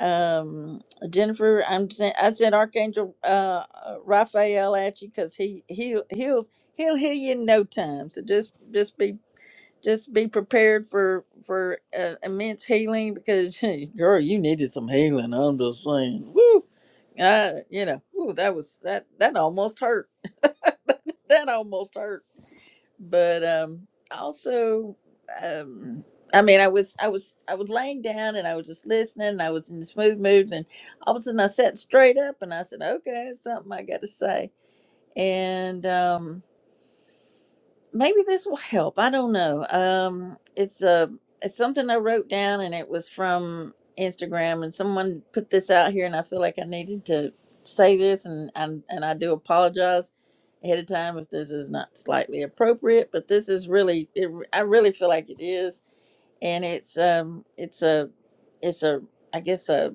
Speaker 10: um jennifer i'm sen- i sent archangel uh uh, raphael at you because he he'll he'll he'll heal you in no time so just just be just be prepared for for uh, immense healing because [LAUGHS] girl you needed some healing i'm just saying Woo! Uh, you know, ooh, that was that that almost hurt. [LAUGHS] that almost hurt. But um also um I mean I was I was I was laying down and I was just listening and I was in this smooth mood and all of a sudden I sat straight up and I said, Okay, that's something I gotta say. And um maybe this will help. I don't know. Um, it's a it's something I wrote down, and it was from Instagram, and someone put this out here, and I feel like I needed to say this, and and and I do apologize ahead of time if this is not slightly appropriate, but this is really it. I really feel like it is and it's um it's a it's a I guess a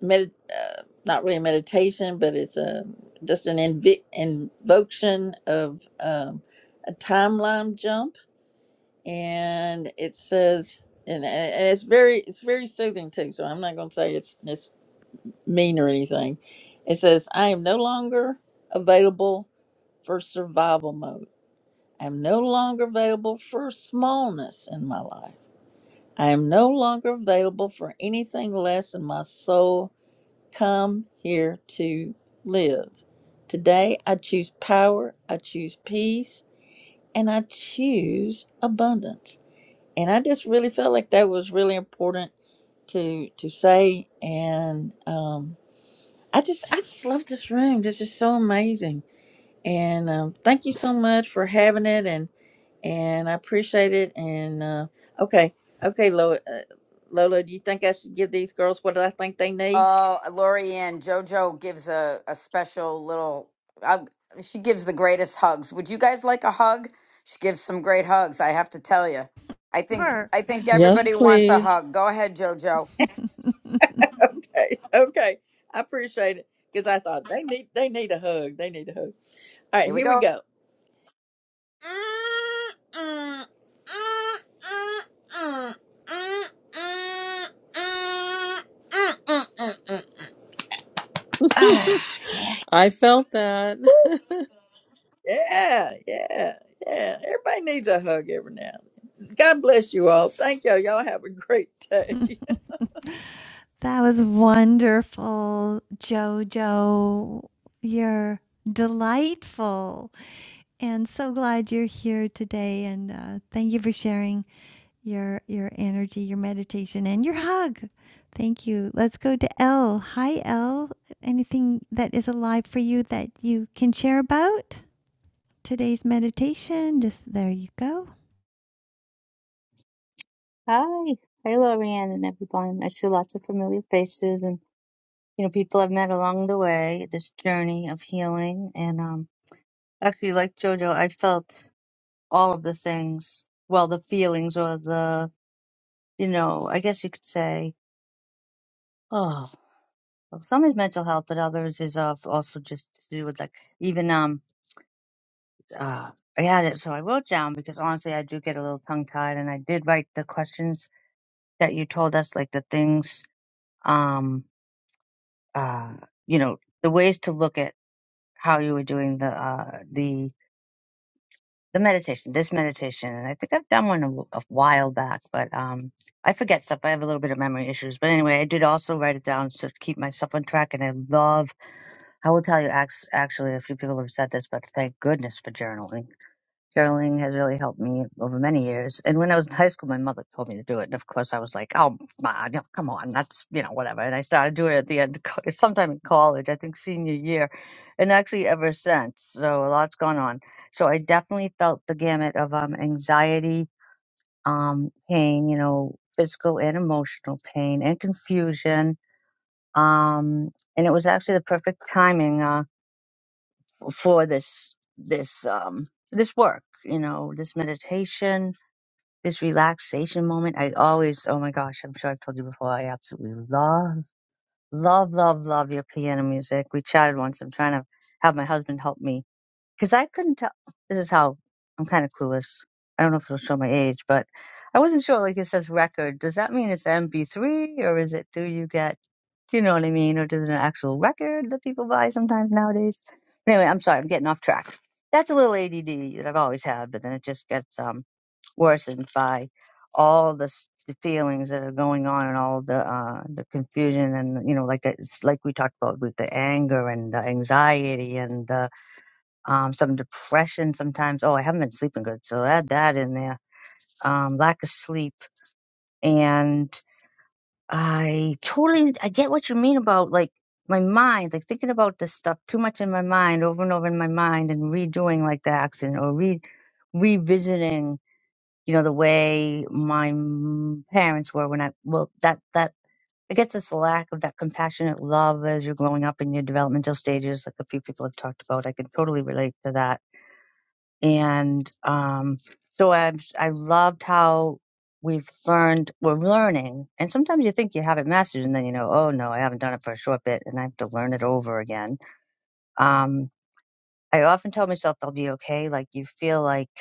Speaker 10: med uh, not really a meditation, but it's a just an invi- invocation of um, a timeline jump, and it says and, and it's very it's very soothing too. So I'm not going to say it's it's mean or anything. It says I am no longer available for survival mode. I'm no longer available for smallness in my life. I am no longer available for anything less than my soul come here to live. Today I choose power, I choose peace, and I choose abundance. And I just really felt like that was really important to to say. And um, I just I just love this room. This is so amazing. And um, thank you so much for having it. And and I appreciate it. And uh, okay, okay, Lola, uh, Lola, do you think I should give these girls what I think they need? [LAUGHS]
Speaker 3: oh, Lorianne, Jojo gives a, a special little uh, she gives the greatest hugs. Would you guys like a hug? She gives some great hugs, I have to tell you. I think
Speaker 1: Sure.
Speaker 3: I think
Speaker 9: Yes,
Speaker 3: everybody wants a
Speaker 9: please.
Speaker 3: hug. Go ahead, Jojo.
Speaker 1: [LAUGHS]
Speaker 10: Okay, okay, I appreciate it because I thought they need they need a hug. They need a hug. All right,
Speaker 3: Here we
Speaker 10: here we
Speaker 3: go.
Speaker 10: go. [SIGHS]
Speaker 9: [LAUGHS] I felt that. [LAUGHS]
Speaker 10: Yeah, yeah, yeah. Everybody needs a hug every now and then. God bless you all. Thank y'all. Y'all have a great [LAUGHS] day.
Speaker 1: That was wonderful, Jojo. You're delightful, and so glad you're here today. And uh, thank you for sharing. your your energy, your meditation, and your hug. Thank you. Let's go to L. Hi, L. Anything that is alive for you that you can share about today's meditation? Just there you go.
Speaker 11: Hi. hello, Rianne and everyone. I see lots of familiar faces and, you know, people I've met along the way, this journey of healing. And um actually, like Jojo, I felt all of the things, well, the feelings or the, you know, I guess you could say, oh, well, some is mental health, but others is of also just to do with like even um uh I had it, so I wrote down because honestly, I do get a little tongue tied, and I did write the questions that you told us, like the things. Um, uh, you know the ways to look at how you were doing the uh, the the meditation, this meditation, and I think I've done one a, w- a while back, but um, I forget stuff. I have a little bit of memory issues, but anyway, I did also write it down so to keep myself on track. And I love, I will tell you, act- actually, a few people have said this, but thank goodness for journaling Journaling has really helped me over many years. And when I was in high school, my mother told me to do it. And of course, I was like, oh, ma, no, come on, that's, you know, whatever. And I started doing it at the end, of co- sometime in college, I think senior year, and actually ever since. So a lot's gone on. So I definitely felt the gamut of um, anxiety, um, pain, you know, physical and emotional pain and confusion. Um, and it was actually the perfect timing uh, for this, this, um, this work, you know, this meditation this relaxation moment. I always, oh my gosh, I'm sure I've told you before, I absolutely love, love, love, love your piano music. We chatted once. I'm trying to have my husband help me because I couldn't tell. This is how I'm kind of clueless. I don't know if it'll show my age, but I wasn't sure. Like it says record. Does that mean it's MP3 or is it, do you get, do you know what I mean? Or does it an actual record that people buy sometimes nowadays? Anyway, I'm sorry. I'm getting off track. That's a little ADD that I've always had, but then it just gets, um. Worsened by all the s- the feelings that are going on and all the uh the confusion and you know like that- it's like we talked about with the anger and the anxiety and the um some depression sometimes oh i haven't been sleeping good so add that in there um lack of sleep and i totally i get what you mean about like my mind like thinking about this stuff too much in my mind over and over in my mind and redoing like the accident or re revisiting you know, the way my m- parents were when I, well, that, that, I guess it's the lack of that compassionate love as you're growing up in your developmental stages, like a few people have talked about. I can totally relate to that. And, um, so I'm, s- I loved how we've learned, we're learning. And sometimes you think you have it mastered and then you know, oh no, I haven't done it for a short bit and I have to learn it over again. Um, I often tell myself I'll be okay. Like you feel like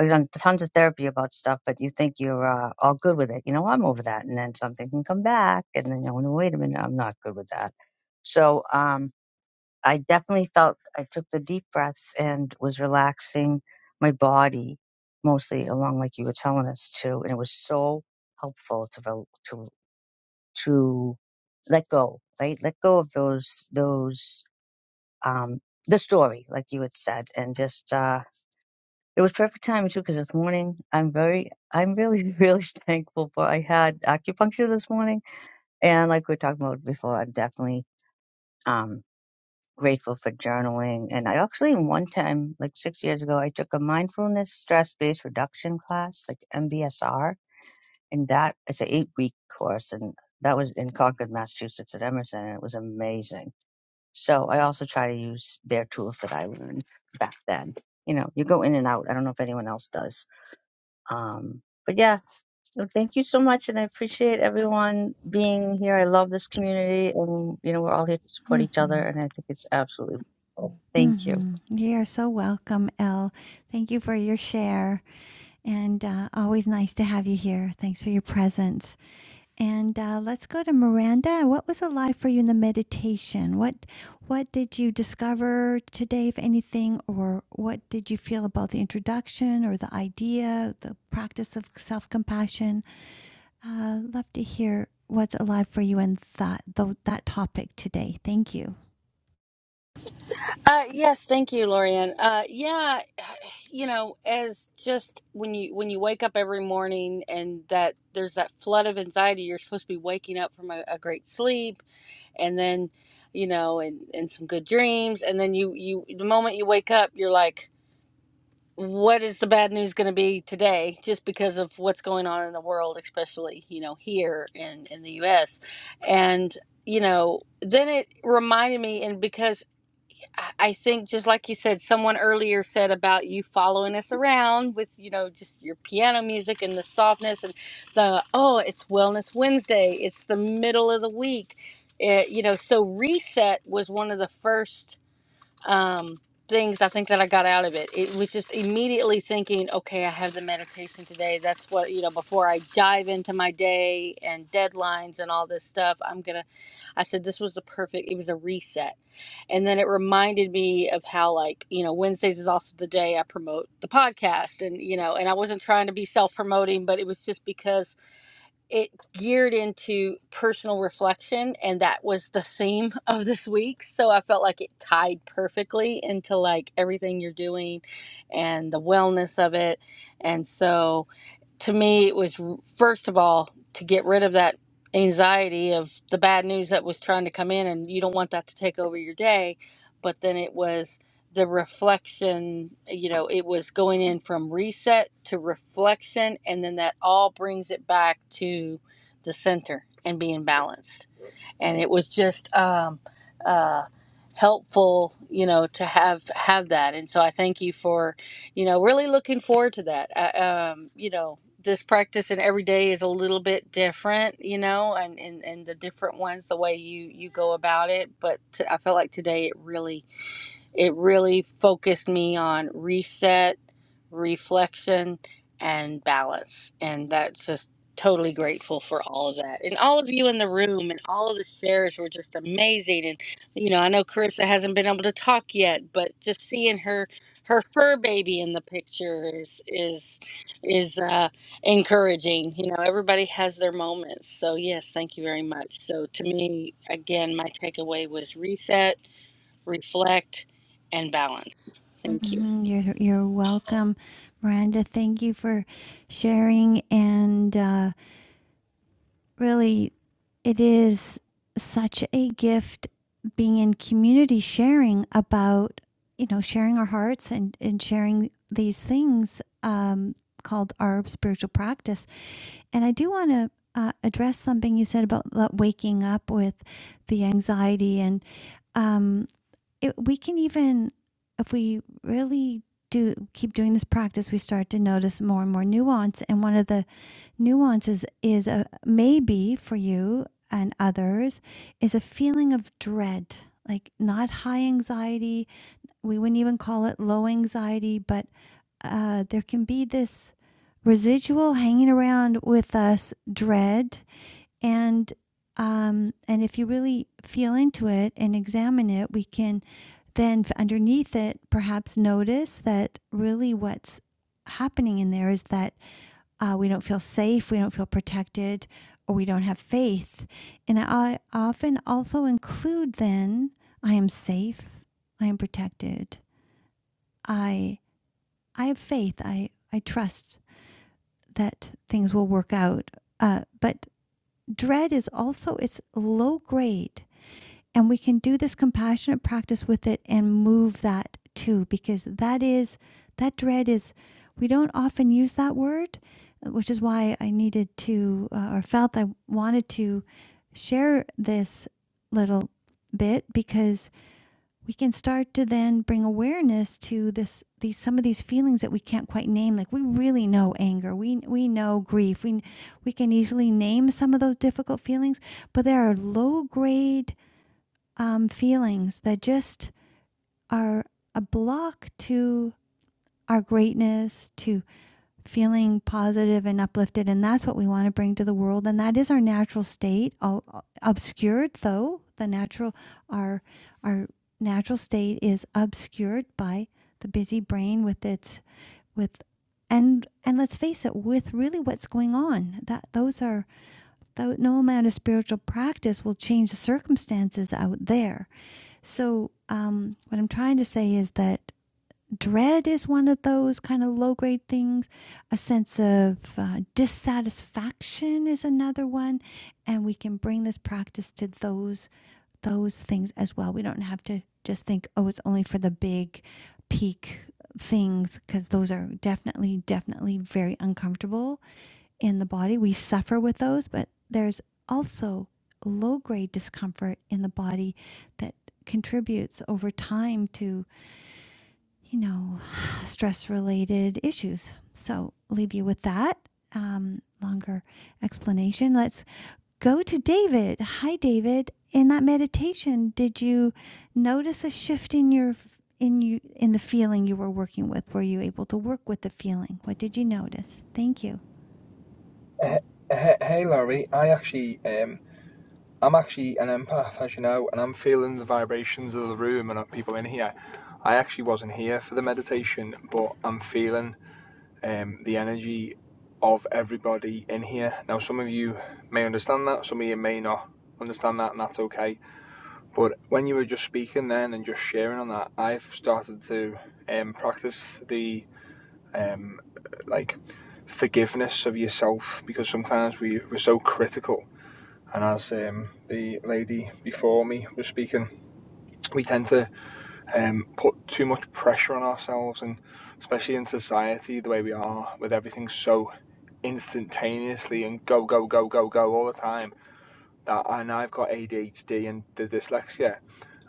Speaker 11: you know, tons of therapy about stuff, but you think you're uh, all good with it. You know, I'm over that, and then something can come back, and then you know, wait a minute, I'm not good with that. So um, I definitely felt I took the deep breaths and was relaxing my body mostly along like you were telling us to, and it was so helpful to rel- to to let go, right? Let go of those those um, the story, like you had said, and just. Uh, it was perfect timing too, because this morning I'm very, I'm really, [LAUGHS] really thankful for I had acupuncture this morning, and like we were talking about before, I'm definitely um grateful for journaling. And I actually, one time, like six years ago, I took a mindfulness stress based reduction class, like MBSR, and that it's an eight week course, and that was in Concord, Massachusetts, at Emerson, and it was amazing. So I also try to use their tools that I learned back then. You know, you go in and out. I don't know if anyone else does um, but yeah, so thank you so much, and I appreciate everyone being here. I love this community, and you know we're all here to support each other,
Speaker 1: Mm-hmm.
Speaker 11: and I think it's absolutely. wonderful. Thank you.
Speaker 1: Mm-hmm. You are so welcome, L. Thank you for your share, and uh, always nice to have you here. Thanks for your presence. And uh, let's go to Miranda. What was alive for you in the meditation? What what did you discover today, if anything, or what did you feel about the introduction or the idea, the practice of self compassion? Uh, love to hear what's alive for you in that tho- that topic today. Thank you.
Speaker 5: Uh, yes, thank you, Lorianne. Uh, yeah, [SIGHS] you know, as just when you when you wake up every morning and that there's that flood of anxiety, you're supposed to be waking up from a, a great sleep, and then, you know, and and some good dreams, and then you you the moment you wake up, you're like. what is the bad news going to be today just because of what's going on in the world especially you know here in in the US and you know then it reminded me and because I I think just like you said someone earlier said about you following us around with you know just your piano music and the softness and the oh it's wellness Wednesday it's the middle of the week it, you know so reset was one of the first um, things I think that I got out of it. It was just immediately thinking, okay, I have the meditation today. That's what, you know, before I dive into my day and deadlines and all this stuff, I'm going to, I said, this was the perfect, it was a reset. And then it reminded me of how, like, you know, Wednesdays is also the day I promote the podcast. And, you know, and I wasn't trying to be self promoting, but it was just because it geared into personal reflection and that was the theme [LAUGHS] of this week so i felt like it tied perfectly into like everything you're doing and the wellness of it and so to me, it was first of all to get rid of that anxiety of the bad news that was trying to come in, and you don't want that to take over your day. But then it was the reflection, you know, it was going in from reset to reflection, and then that all brings it back to the center and being balanced and it was just um, uh, helpful, you know, to have have that. And so I thank you for, you know, really looking forward to that. I, um, you know, this practice and every day is a little bit different, you know, and and, and the different ones, the way you you go about it. But t- I felt like today it really it really focused me on reset, reflection, and balance. And that's just totally grateful for all of that. And all of you in the room and all of the shares were just amazing. And, you know, I know Carissa hasn't been able to talk yet, but just seeing her. Her fur baby in the picture is is is uh, encouraging. You know, everybody has their moments. So yes, thank you very much. So to me, again, my takeaway was reset, reflect, and balance. Thank you.
Speaker 1: hmm You're you're welcome, Miranda. Thank you for sharing and uh, really it is such a gift being in community sharing about you know sharing our hearts and and sharing these things um called our spiritual practice and i do want to uh, address something you said about lo- waking up with the anxiety and um it, we can even if we really do keep doing this practice we start to notice more and more nuance and one of the Nuances is a maybe for you and others is a feeling of dread, like not high anxiety. We wouldn't even call it low anxiety, but uh, there can be this residual hanging around with us dread and um, and if you really feel into it and examine it, we can then underneath it perhaps notice that really what's happening in there is that uh, we don't feel safe, we don't feel protected, or we don't have faith. And I often also include then I am safe, I am protected, I I have faith, I I trust that things will work out. Uh, but dread is also it's low grade. And we can do this compassionate practice with it and move that too, because that is, that dread is, we don't often use that word, which is why I needed to, uh, or felt I wanted to share this little bit because we can start to then bring awareness to this these some of these feelings that we can't quite name like we really know anger we we know grief we we can easily name some of those difficult feelings but there are low grade um, feelings that just are a block to our greatness, to feeling positive and uplifted. And that's what we want to bring to the world. And that is our natural state, o- obscured though, the natural, our, our natural state is obscured by the busy brain with its, with, and, and let's face it, with really what's going on, that those are, tho- no amount of spiritual practice will change the circumstances out there so, um, what I'm trying to say is that dread is one of those kind of low grade things. A sense of uh, dissatisfaction is another one, and we can bring this practice to those those things as well. We don't have to just think, oh, it's only for the big peak things because those are definitely definitely very uncomfortable in the body. We suffer with those, but there's also low grade discomfort in the body that contributes over time to, you know, [SIGHS] stress related issues. So, leave you with that um, longer explanation. Let's go to David. Hi, David. In that meditation, did you notice a shift in your in you in the feeling you were working with? Were you able to work with the feeling? What did you notice? Thank you.
Speaker 12: Hey, hey Larry, I actually, um, I'm actually an empath, as you know, and I'm feeling the vibrations of the room and of people in here. I actually wasn't here for the meditation, but I'm feeling um, the energy of everybody in here. Now, some of you may understand that, some of you may not understand that, and that's okay. But when you were just speaking then and just sharing on that, I've started to um, practice the um, like forgiveness of yourself because sometimes we, we're so critical and as um, the lady before me was speaking, we tend to um, put too much pressure on ourselves, and especially in society, the way we are, with everything so instantaneously and go, go, go, go, go all the time. That and I've got ADHD and the dyslexia,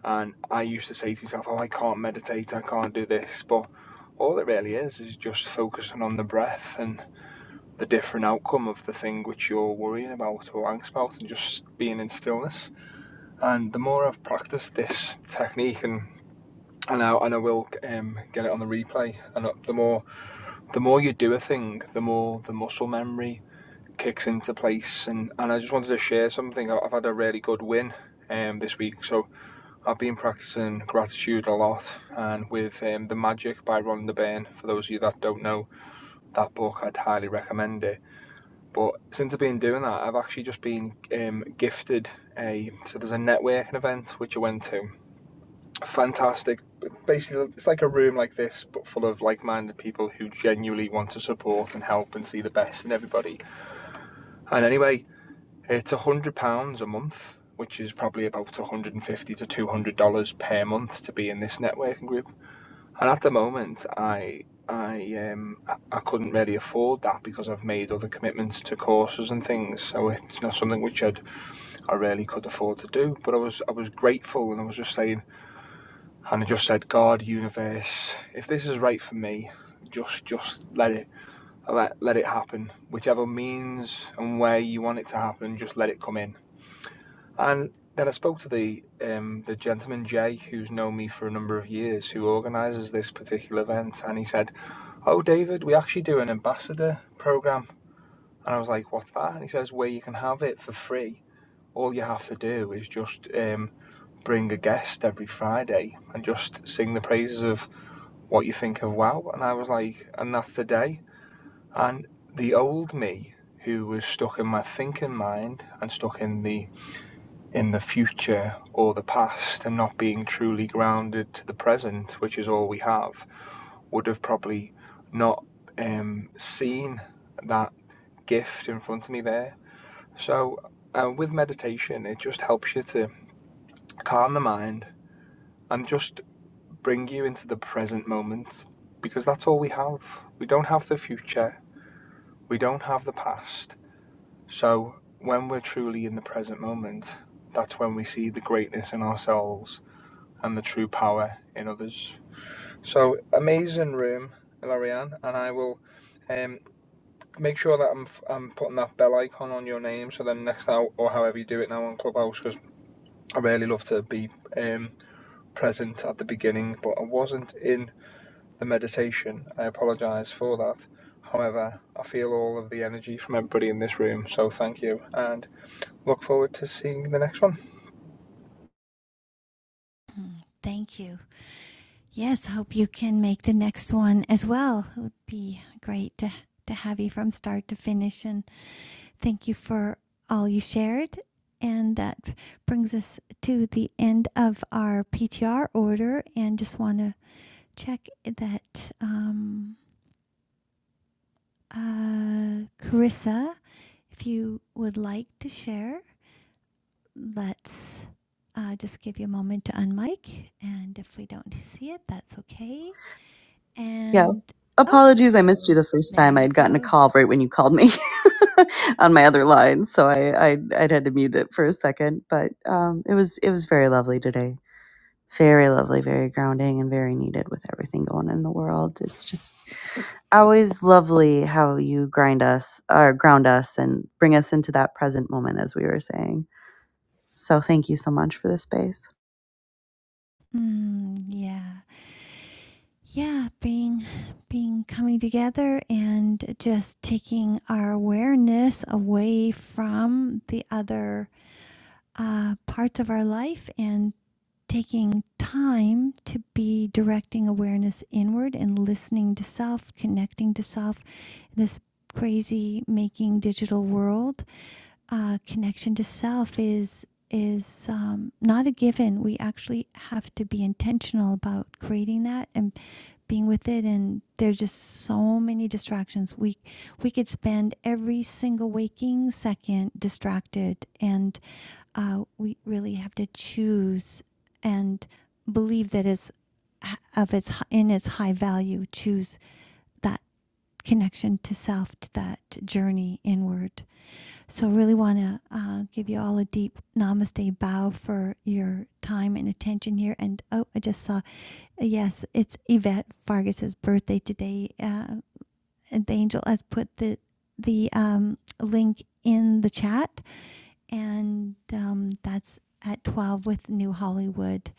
Speaker 12: and I used to say to myself, "Oh, I can't meditate, I can't do this," but all it really is is just focusing on the breath and the different outcome of the thing which you're worrying about or anxious about, and just being in stillness and the more I've practiced this technique, and and I, and I will um, get it on the replay, and uh, the more the more you do a thing, the more the muscle memory kicks into place. And, and I just wanted to share something. I- have had a really good win um, this week, so I've been practicing gratitude a lot, and with um, the Magic by Rhonda Byrne. For those of you that don't know that book, I'd highly recommend it. But since I've been doing that, I've actually just been um, gifted a so there's a networking event which I went to fantastic. Basically, it's like a room like this, but full of like minded people who genuinely want to support and help and see the best in everybody. And anyway, it's £100 a month, which is probably about 150 to $200 per month to be in this networking group. And at the moment, I. I um I I couldn't really afford that because I've made other commitments to courses and things, so it's not something which I'd I really could afford to do. But I was I was grateful, and I was just saying and I just said, God, universe, if this is right for me, just just let it let let it happen. Whichever means and way you want it to happen, just let it come in. And then I spoke to the um, the gentleman Jay, who's known me for a number of years, who organises this particular event, and he said, "Oh, David, we actually do an ambassador program." And I was like, "What's that?" And he says, "Where you can have it for free. All you have to do is just um, bring a guest every Friday and just sing the praises of what you think of WoW. And I was like, and that's the day. And the old me, who was stuck in my thinking mind and stuck in the in the future or the past and not being truly grounded to the present, which is all we have, would have probably not um, seen that gift in front of me there. So uh, with meditation, it just helps you to calm the mind and just bring you into the present moment because that's all we have. We don't have the future. We don't have the past. So when we're truly in the present moment, that's when we see the greatness in ourselves and the true power in others. So amazing room, Larianne, and I will um, make sure that I'm, f- I'm putting that bell icon on your name. So then next hour or however you do it now on Clubhouse, because I really love to be um, present at the beginning, but I wasn't in the meditation. I apologise for that. However, I feel all of the energy from everybody in this room, so thank you. And look forward to seeing the next one.
Speaker 1: Thank you. Yes, hope you can make the next one as well. It would be great to, to have you from start to finish. And thank you for all you shared. And that brings us to the end of our PTR order. And just want to check that um, uh, Carissa, if you would like to share, let's uh, just give you a moment to unmic. And if we don't see it, that's okay.
Speaker 13: Yeah.
Speaker 1: And oh,
Speaker 13: Apologies, I missed you the first
Speaker 1: There
Speaker 13: time. I
Speaker 1: you
Speaker 13: had gotten a
Speaker 1: go.
Speaker 13: call right when you called me [LAUGHS] on my other line, so I, I I'd had to mute it for a second. But um, it was it was very lovely today. Very lovely, very grounding, and very needed with everything going on in the world. It's just always lovely how you grind us or ground us and bring us into that present moment, as we were saying. So thank you so much for this space.
Speaker 1: Mm, yeah. Yeah, being being coming together and just taking our awareness away from the other uh, parts of our life and taking time to be directing awareness inward and listening to self, connecting to self. This crazy making digital world uh, connection to self is is um, not a given. We actually have to be intentional about creating that and being with it. And there's just so many distractions. We we could spend every single waking second distracted, and uh, we really have to choose and believe that is of its in its high value. Choose that connection to self, to that journey inward. So, really want to uh, give you all a deep namaste bow for your time and attention here. And oh, I just saw, yes, it's Yvette Vargas's birthday today. Uh, and the angel has put the the um, link in the chat, and um, that's at 12 with New Hollywood.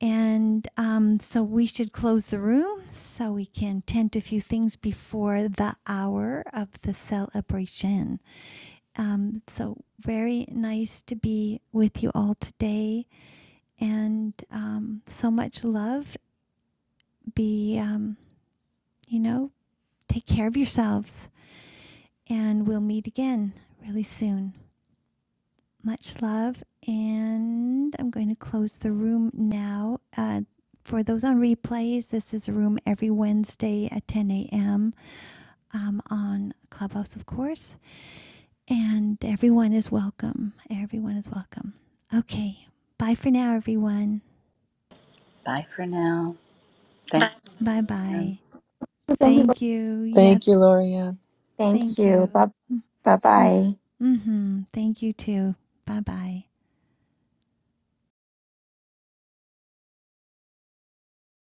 Speaker 1: And um, so we should close the room so we can tend to a few things before the hour of the celebration. Um, so very nice to be with you all today, and um, so much love. Be um, you know, take care of yourselves, and we'll meet again really soon. Much love, and I'm going to close the room now. Uh, for those on replays, this is a room every Wednesday at 10 a.m. Um, on Clubhouse, of course. And everyone is welcome. Everyone is welcome. Okay. Bye for now, everyone.
Speaker 2: Bye for now. Thank
Speaker 1: Bye
Speaker 2: you.
Speaker 1: bye.
Speaker 4: you.
Speaker 1: Thank you. Yeah.
Speaker 9: Thank you,
Speaker 1: th-
Speaker 9: Lorianne.
Speaker 8: Thank
Speaker 1: Thank
Speaker 8: you.
Speaker 1: you.
Speaker 8: Bye
Speaker 1: Mm-hmm.
Speaker 8: bye.
Speaker 1: Mm-hmm. Thank you too. Bye bye.